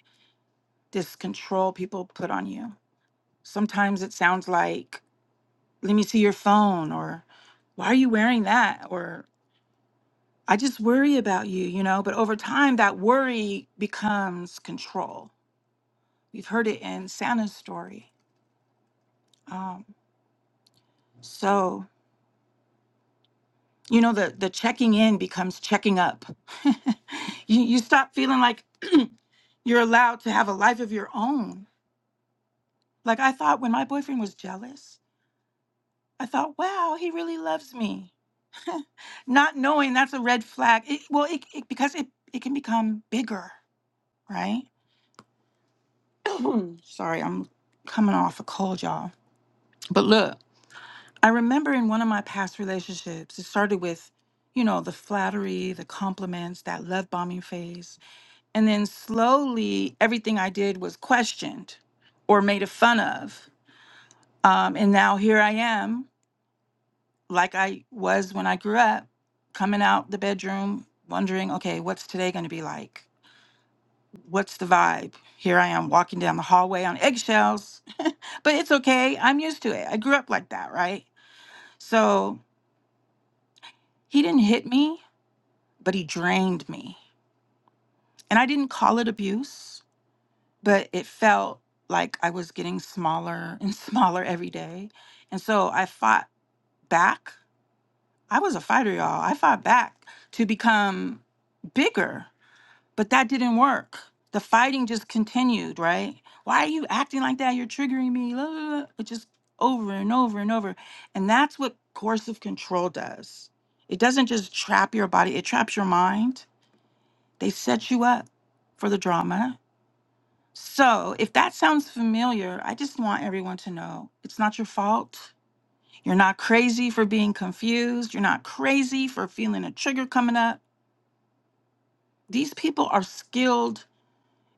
this control people put on you sometimes it sounds like let me see your phone or why are you wearing that or I just worry about you, you know. But over time, that worry becomes control. We've heard it in Santa's story. Um, so, you know, the, the checking in becomes checking up. you, you stop feeling like you're allowed to have a life of your own. Like I thought when my boyfriend was jealous, I thought, wow, he really loves me. Not knowing that's a red flag. It, well, it, it, because it, it can become bigger, right? Sorry, I'm coming off a cold, y'all. But look, I remember in one of my past relationships, it started with, you know, the flattery, the compliments, that love bombing phase. And then slowly everything I did was questioned or made a fun of. Um, and now here I am, like I was when I grew up, coming out the bedroom, wondering, okay, what's today going to be like? What's the vibe? Here I am walking down the hallway on eggshells, but it's okay. I'm used to it. I grew up like that, right? So he didn't hit me but he drained me. And I didn't call it abuse, but it felt like I was getting smaller and smaller every day. And so I fought back. I was a fighter, y'all. I fought back to become bigger, but that didn't work. The fighting just continued, right? Why are you acting like that? You're triggering me. blah, blah, blah. It just over and over and over. And that's what coercive control does. It doesn't just trap your body, it traps your mind They set you up for the drama. So, if that sounds familiar, I just want everyone to know it's not your fault. You're not crazy for being confused. You're not crazy for feeling a trigger coming up. These people are skilled.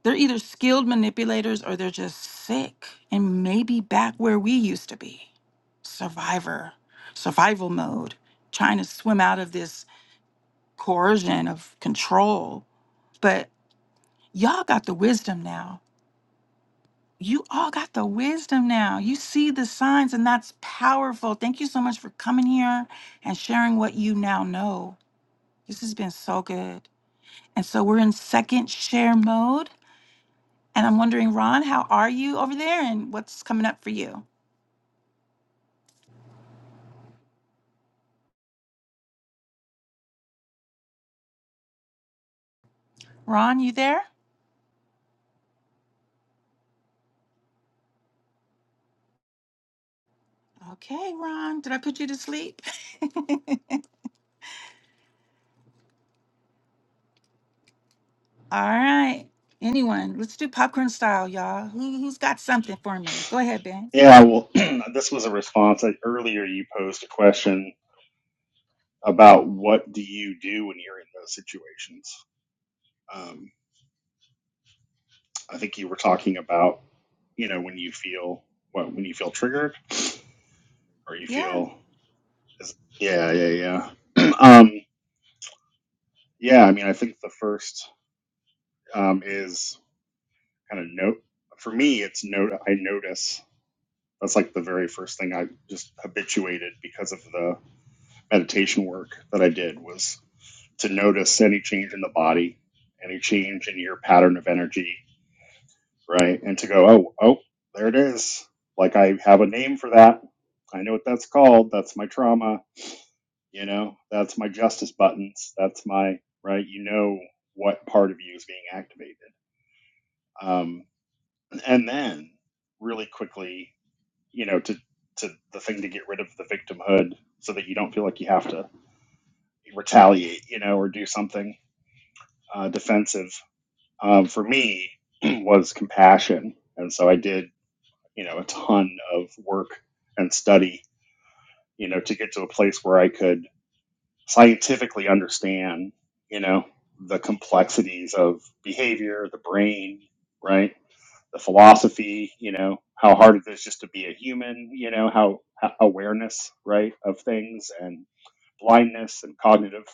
They're either skilled manipulators or they're just sick and maybe back where we used to be. Survivor, survival mode, trying to swim out of this coercion of control. But y'all got the wisdom now you all got the wisdom now. You see the signs, and that's powerful. Thank you so much for coming here and sharing what you now know. This has been so good. And so we're in second share mode. And I'm wondering, Ron, how are you over there and what's coming up for you? Ron, you there? Okay, Ron, did I put you to sleep? All right. Anyone, let's do popcorn style, y'all. Who, who's got something for me? Go ahead, Ben.
Yeah, well, this was a response. I, earlier, you posed a question about what do you do when you're in those situations. Um, I think you were talking about you know when you feel what when you feel triggered or you
Yeah.
feel is- yeah yeah yeah um yeah i mean i think the first um, is kind of note. For me, it's note. I notice. That's like the very first thing I just habituated because of the meditation work that I did was to notice any change in the body, any change in your pattern of energy, right? And to go, oh, oh, there it is. Like I have a name for that. I know what that's called. That's my trauma. You know, that's my justice buttons. That's my right. You know what part of you is being activated. Um, and then really quickly you know to to the thing to get rid of the victimhood so that you don't feel like you have to retaliate you know or do something uh, defensive um, for me was compassion and so i did you know a ton of work and study you know to get to a place where i could scientifically understand you know the complexities of behavior the brain right the philosophy, you know, how hard it is just to be a human, you know, how, how awareness, right, of things and blindness and cognitive,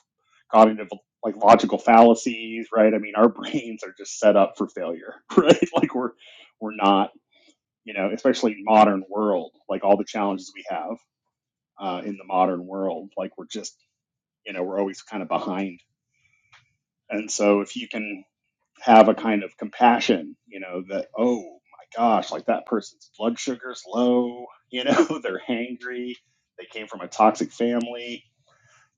cognitive, like logical fallacies, right? I mean, our brains are just set up for failure, right? Like we're, we're not, you know, especially in modern world, like all the challenges we have uh, in the modern world, like we're just, you know, we're always kind of behind. And so if you can have a kind of compassion, you know, that, oh my gosh, like that person's blood sugar's low, you know, they're hangry, they came from a toxic family,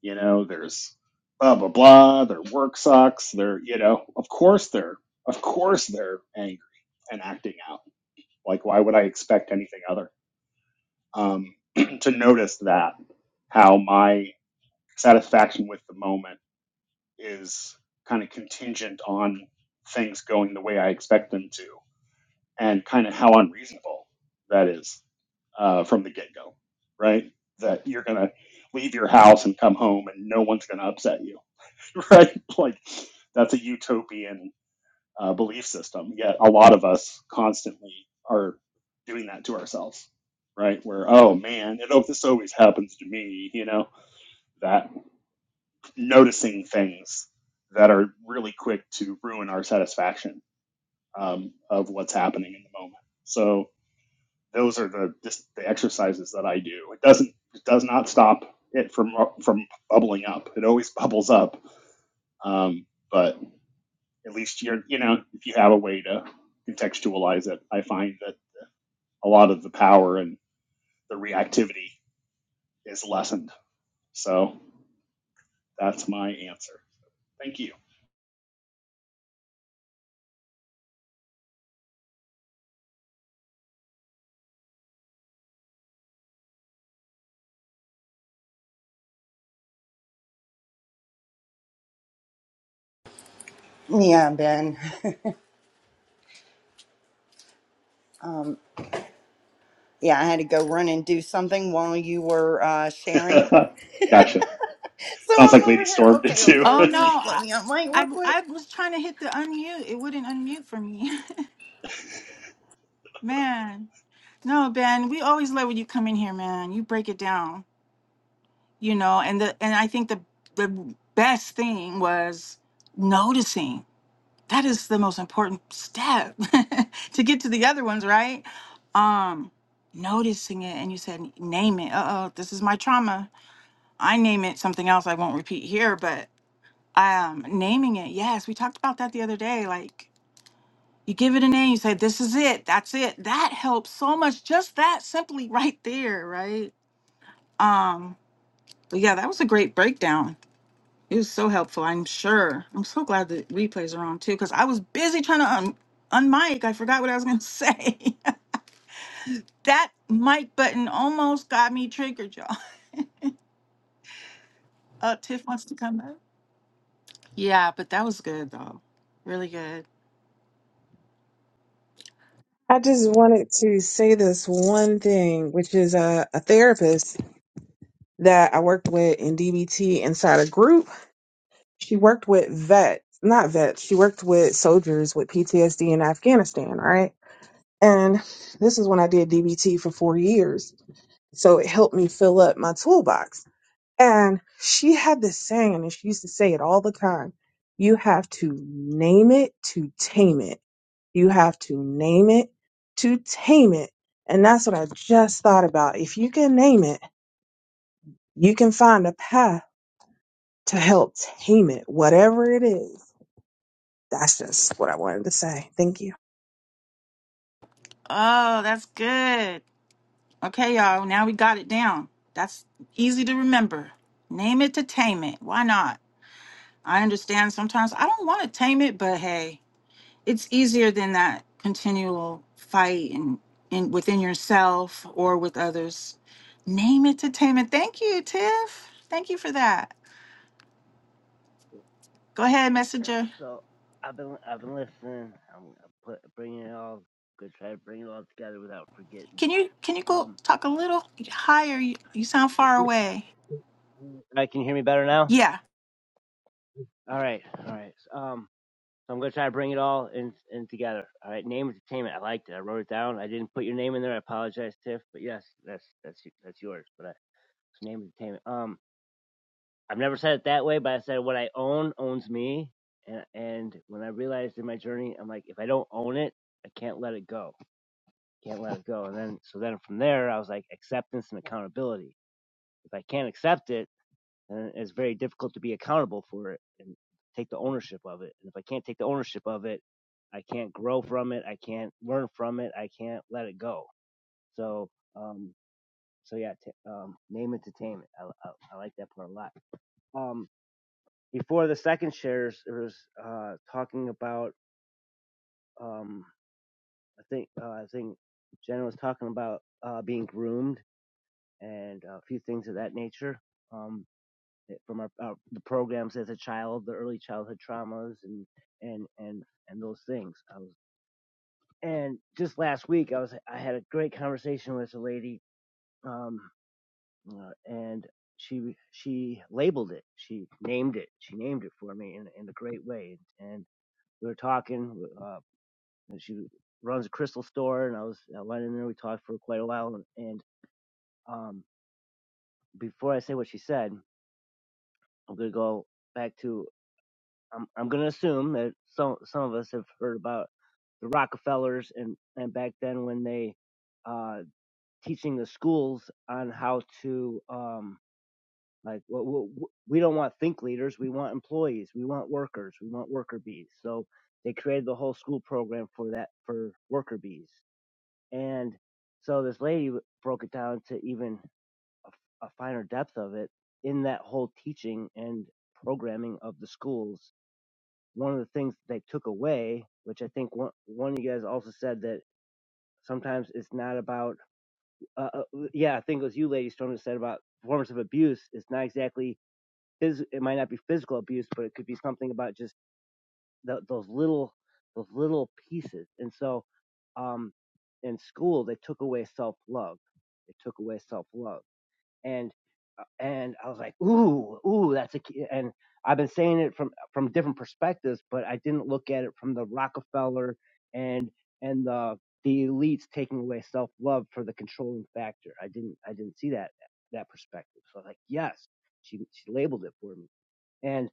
you know, there's blah, blah, blah, their work sucks, they're, you know, of course they're, of course they're angry and acting out. Like, why would I expect anything other? Um, to notice that, how my satisfaction with the moment is kind of contingent on things going the way I expect them to and kind of how unreasonable that is uh, from the get go, right? That you're going to leave your house and come home and no one's going to upset you, right? Like that's a utopian uh, belief system. Yet a lot of us constantly are doing that to ourselves, right? Where, oh man, it, oh, this always happens to me, you know, that noticing things that are really quick to ruin our satisfaction um, of what's happening in the moment. So, those are the just the exercises that I do. It doesn't it does not stop it from from bubbling up. It always bubbles up. Um, but at least you're you know if you have a way to contextualize it, I find that a lot of the power and the reactivity is lessened. So that's my answer. Thank you.
Yeah, Ben. Um, yeah, I had to go run and do something while you were uh, sharing.
gotcha.
So
Sounds like
I'm over
Lady
here.
Storm did
Okay,
too.
okay.
Oh
Let
no,
me let
I,
me unmic real
I
quick.
I was trying to hit the unmute. It wouldn't unmute for me. man. No, Ben, we always love when you come in here, man. You break it down, you know, and the and I think the the best thing was noticing. That is the most important step to get to the other ones, right? Um noticing it and you said name it. Uh-oh, this is my trauma. I name it something else I won't repeat here, but um naming it. Yes, we talked about that the other day like You give it a name, you say, This is it, that's it. That helps so much. Just that simply right there, right? Um, but yeah, that was a great breakdown. It was so helpful, I'm sure. I'm so glad the replays are on too, because I was busy trying to un unmic. I forgot what I was gonna say. that mic button almost got me triggered, y'all. Uh Tiff wants to come back. Yeah, but that was good though. Really good.
I just wanted to say this one thing, which is uh, a therapist that I worked with in DBT inside a group. She worked with vets, not vets, she worked with soldiers with PTSD in Afghanistan, right? And this is when I did DBT for four years. So it helped me fill up my toolbox. And she had this saying, and she used to say it all the time you have to name it to tame it. You have to name it to tame it. And that's what I just thought about. If you can name it, you can find a path to help tame it, whatever it is. That's just what I wanted to say. Thank you.
Oh, that's good. Okay, y'all. Now we got it down. That's easy to remember. Name it to tame it. Why not? I understand sometimes I don't want to tame it, but hey, it's easier than that continual fight and in within yourself or with others. Name it to tame it. Thank you, Tiff. Thank you for that. Go ahead,
Yeah,
messenger.
So I've been I've been listening. I'm, put, bringing it all. Good try to bring it all together without forgetting.
Can you can you go
Um,
talk a little higher? You, you sound far away.
I can you hear me better now.
Yeah.
All right, all right. Um, so I'm gonna try to bring it all in in together. All right, name entertainment. I liked it. I wrote it down. I didn't put your name in there. I apologize, Tiff. But yes, that's that's that's yours. But I, it's name entertainment. Um. I've never said it that way, but I said what I own owns me. And, and when I realized in my journey, I'm like, if I don't own it, I can't let it go. Can't let it go. And then, so then from there, I was like, acceptance and accountability. If I can't accept it, then it's very difficult to be accountable for it and take the ownership of it. And if I can't take the ownership of it, I can't grow from it. I can't learn from it. I can't let it go. So, um, so yeah, t- um, name entertainment. I, I, I like that part a lot. Um, before the second shares it was uh talking about um i think uh, i think jenna was talking about uh being groomed and a few things of that nature um from our, our the programs as a child the early childhood traumas and and and and those things i was and just last week i was i had a great conversation with a lady um uh, and she she labeled it she named it she named it for me in, in a great way and we were talking. Uh, and she runs a crystal store and I was I went in there we talked for quite a while and, and um before I say what she said I'm gonna go back to I'm I'm gonna assume that some some of us have heard about the Rockefellers and and back then when they uh teaching the schools on how to um like well, we we don't want think leaders we want employees we want workers we want worker bees so they created the whole school program for that for worker bees And so this lady broke it down to even a a finer depth of it in that whole teaching and programming of the schools. One of the things that they took away, which I think one, one of you guys also said that sometimes it's not about, uh, uh, yeah, I think it was you, Lady Storm, that said about forms of abuse. It's not exactly, phys- it might not be physical abuse, but it could be something about just tho- those little those little pieces. And so um, in school they took away self love. They took away self love. And uh, and I was like, ooh, ooh, that's a key. And I've been saying it from from different perspectives, but I didn't look at it from the Rockefeller and and the the elites taking away self love for the controlling factor. I didn't I didn't see that that perspective. So I was like, yes, she she labeled it for me. and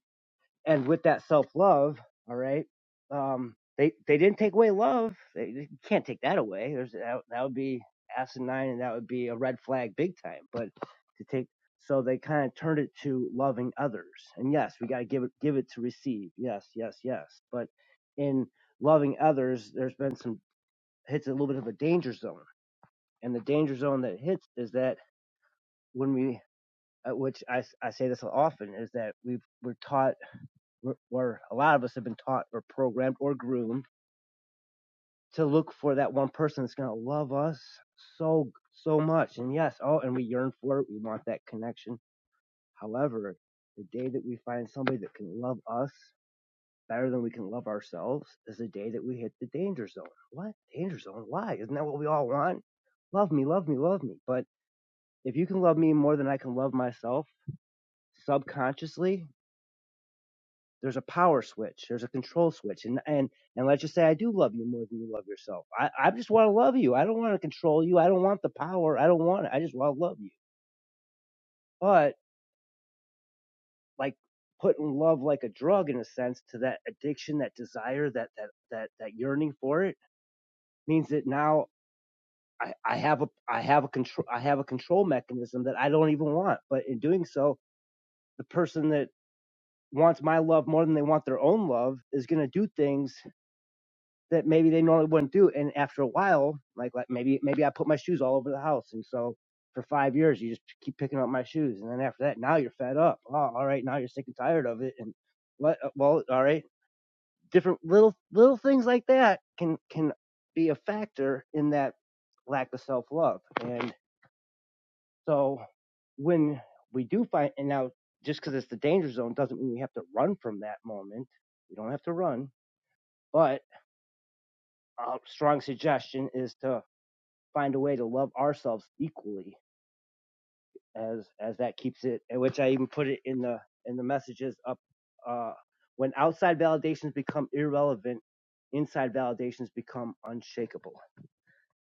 and with that self love, all right, um, they they didn't take away love. They, they can't take that away. There's that, that would be asinine, and that would be a red flag big time. But to take so they kind of turned it to loving others. And yes, we got to give it give it to receive. Yes, yes, yes. But in loving others, there's been some hits a little bit of a danger zone, and the danger zone that hits is that when we uh, which I I say this often is that we have we're taught where a lot of us have been taught or programmed or groomed to look for that one person that's going to love us so so much and yes oh and we yearn for it we want that connection however the day that we find somebody that can love us better than we can love ourselves is the day that we hit the danger zone what danger zone why isn't that what we all want love me love me love me but if you can love me more than i can love myself subconsciously there's a power switch there's a control switch and and and let's just say i do love you more than you love yourself i i just want to love you i don't want to control you i don't want the power i don't want it i just want to love you but like putting love like a drug in a sense to that addiction that desire that that that that yearning for it means that now I, I have a I have a control I have a control mechanism that I don't even want. But in doing so, the person that wants my love more than they want their own love is going to do things that maybe they normally wouldn't do. And after a while, like, like maybe maybe I put my shoes all over the house, and so for five years you just keep picking up my shoes, and then after that, now you're fed up. Oh, all right, now you're sick and tired of it, and what? Well, all right, different little little things like that can can be a factor in that lack of self love, and so when we do find, and now just because it's the danger zone doesn't mean we have to run from that moment. We don't have to run, but a strong suggestion is to find a way to love ourselves equally as as that keeps it and which i even put it in the in the messages up uh when outside validations become irrelevant inside validations become unshakable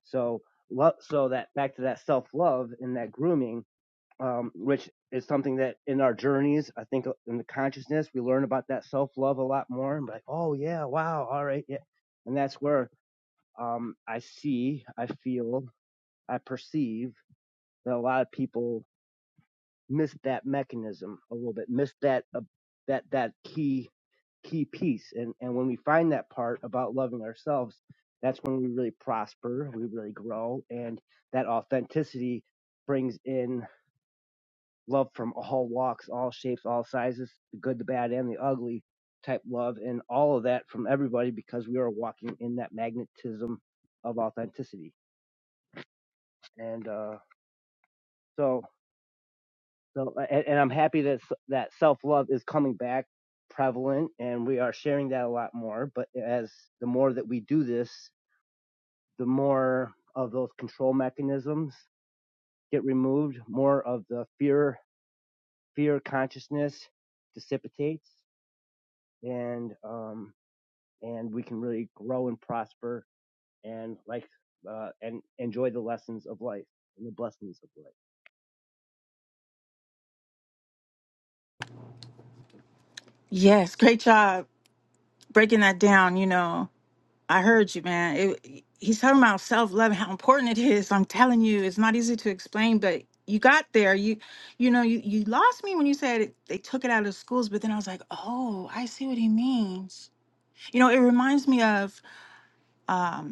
so love so that back to that self love and that grooming um which is something that in our journeys i think uh, in the consciousness we learn about that self love a lot more and like oh yeah wow all right yeah and that's where um i see i feel i perceive that a lot of people miss that mechanism a little bit, miss that uh, that that key key piece. And and when we find that part about loving ourselves, that's when we really prosper, we really grow, and that authenticity brings in love from all walks, all shapes, all sizes, the good, the bad, and the ugly type love, and all of that from everybody because we are walking in that magnetism of authenticity. And uh, so. So, and, and I'm happy that that self love is coming back prevalent, and we are sharing that a lot more. But as the more that we do this, the more of those control mechanisms get removed, more of the fear fear consciousness dissipates, and um and we can really grow and prosper and like uh and enjoy the lessons of life and the blessings of life.
Yes. Great job breaking that down. You know. I heard you, man. It, he's talking about self love, and how important it is. I'm telling you, it's not easy to explain, but you got there. You, you know, you, you lost me when you said it, they took it out of schools, but then I was like, oh, I see what he means. You know, it reminds me of. Um,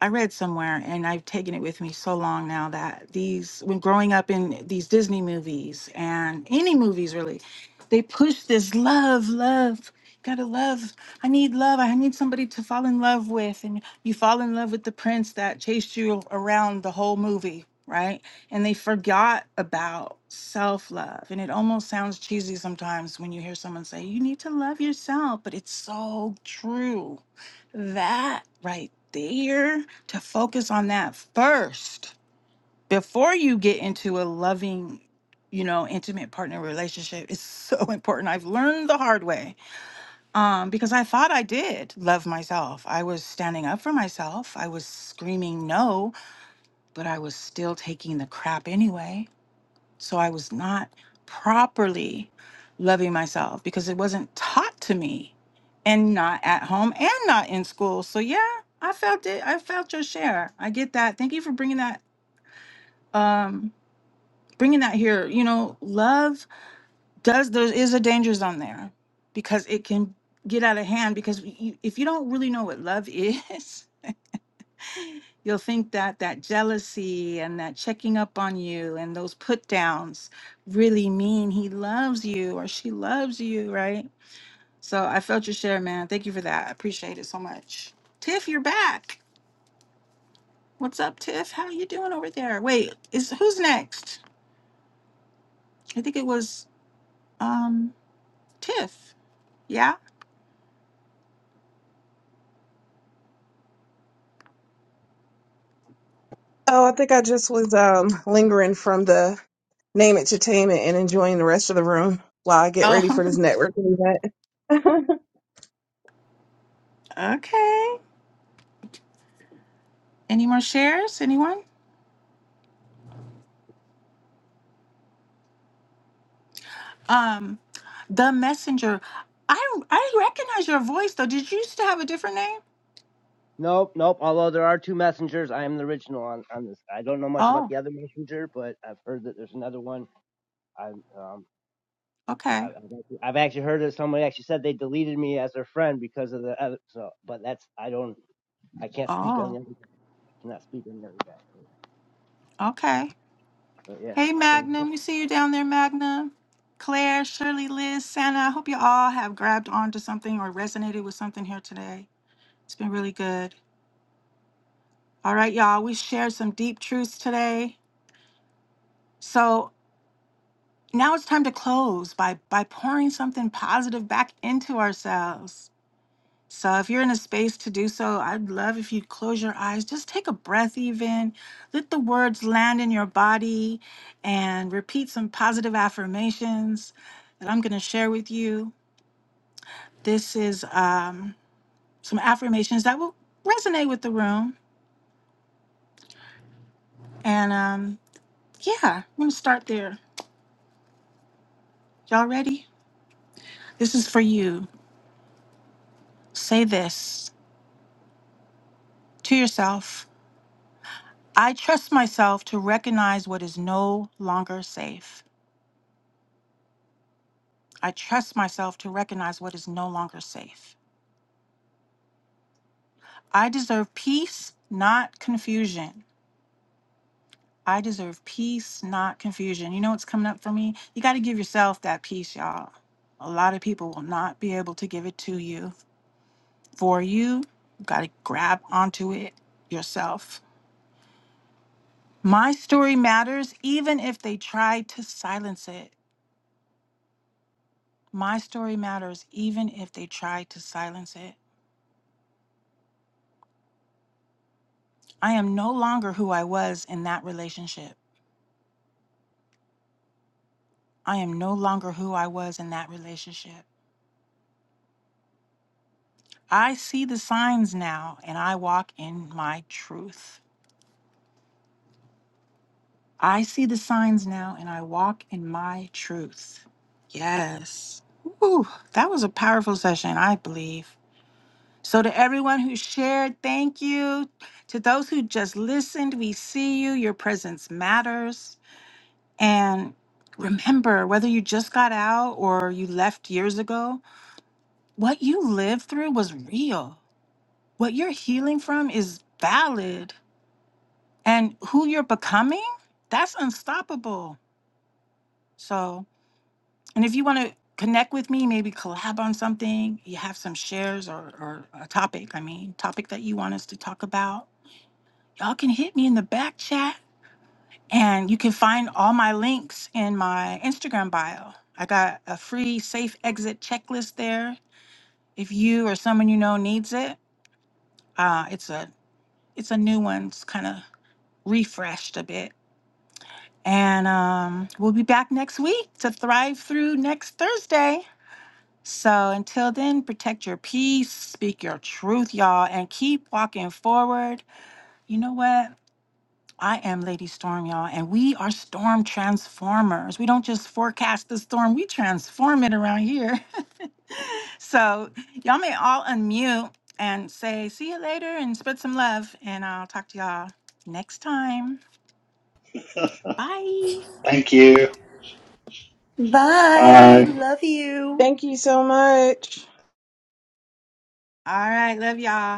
I read somewhere, and I've taken it with me so long now that these, when growing up in these Disney movies and any movies really, they push this love, love. Gotta love. I need love. I need somebody to fall in love with. And you fall in love with the prince that chased you around the whole movie, right? And they forgot about self love. And it almost sounds cheesy sometimes when you hear someone say, you need to love yourself, but it's so true that right there to focus on that first before you get into a loving you know intimate partner relationship is so important i've learned the hard way um because i thought i did love myself i was standing up for myself i was screaming no but i was still taking the crap anyway so I was not properly loving myself because it wasn't taught to me and not at home and not in school. So yeah, I felt it. I felt your share. I get that. Thank you for bringing that um bringing that here. You know, love does there is a danger zone there because it can get out of hand because you, if you don't really know what love is, you'll think that that jealousy and that checking up on you and those put downs really mean he loves you or she loves you, right? So I felt your share, man. Thank you for that. I appreciate it so much. Tiff, you're back. What's up, Tiff? How you doing over there? Wait, is who's next? I think it was um Tiff. Yeah?
Oh, I think I just was um lingering from the name it to tame it and enjoying the rest of the room while I get
Oh,
ready for this networking event.
okay. Any more shares? Anyone? Um, the messenger. I I recognize your voice though. Did you used to have a different name?
Nope, nope. Although there are two messengers, I am the original on, on this. I don't know much about
Oh,
the other messenger, but I've heard that there's another one. I'm um, no,
okay.
I've, actually, I've actually heard that somebody actually said they deleted me as their friend because of the other. So, but that's I don't, I can't speak on the
Oh,
other guy. I cannot speak on the other guy. But,
okay.
but yeah,
Hey,
so
Magnum. We see you down there, Magnum. Claire, Shirley, Liz, Santa. I hope you all have grabbed onto something or resonated with something here today. It's been really good. All right, y'all. We shared some deep truths today. So now it's time to close by by pouring something positive back into ourselves. So if you're in a space to do so, I'd love if you close your eyes, just take a breath even, let the words land in your body and repeat some positive affirmations that I'm going to share with you. This is um, some affirmations that will resonate with the room. And um, yeah, I'm going to start there. Y'all ready? This is for you. Say this to yourself. I trust myself to recognize what is no longer safe. I trust myself to recognize what is no longer safe. I deserve peace, not confusion. I deserve peace, not confusion. You know what's coming up for me? You got to give yourself that peace, y'all. A lot of people will not be able to give it to you. For you, you got to grab onto it yourself. My story matters even if they try to silence it. My story matters even if they try to silence it. I am no longer who I was in that relationship. I am no longer who I was in that relationship. I see the signs now and I walk in my truth. I see the signs now and I walk in my truth. Yes. Ooh, that was a powerful session, I believe. So, to everyone who shared, thank you. To those who just listened, we see you. Your presence matters. And remember, whether you just got out or you left years ago, what you lived through was real. what you're healing from is valid and who you're becoming that's unstoppable so and if you want to connect with me maybe collab on something you have some shares or, or a topic i mean topic that you want us to talk about y'all can hit me in the back chat and you can find all my links in my instagram bio i got a free safe exit checklist there if you or someone you know needs it uh, it's a it's a new one it's kind of refreshed a bit And um, we'll be back next week to thrive through next Thursday. So until then, protect your peace, speak your truth, y'all, and keep walking forward. You know what? I am Lady Storm, y'all, and we are storm transformers. We don't just forecast the storm, we transform it around here. so y'all may all unmute and say, see you later and spread some love. And I'll talk to y'all next time. Bye.
Thank you.
Bye.
Bye.
Love you.
Thank you so much.
All right. Love y'all.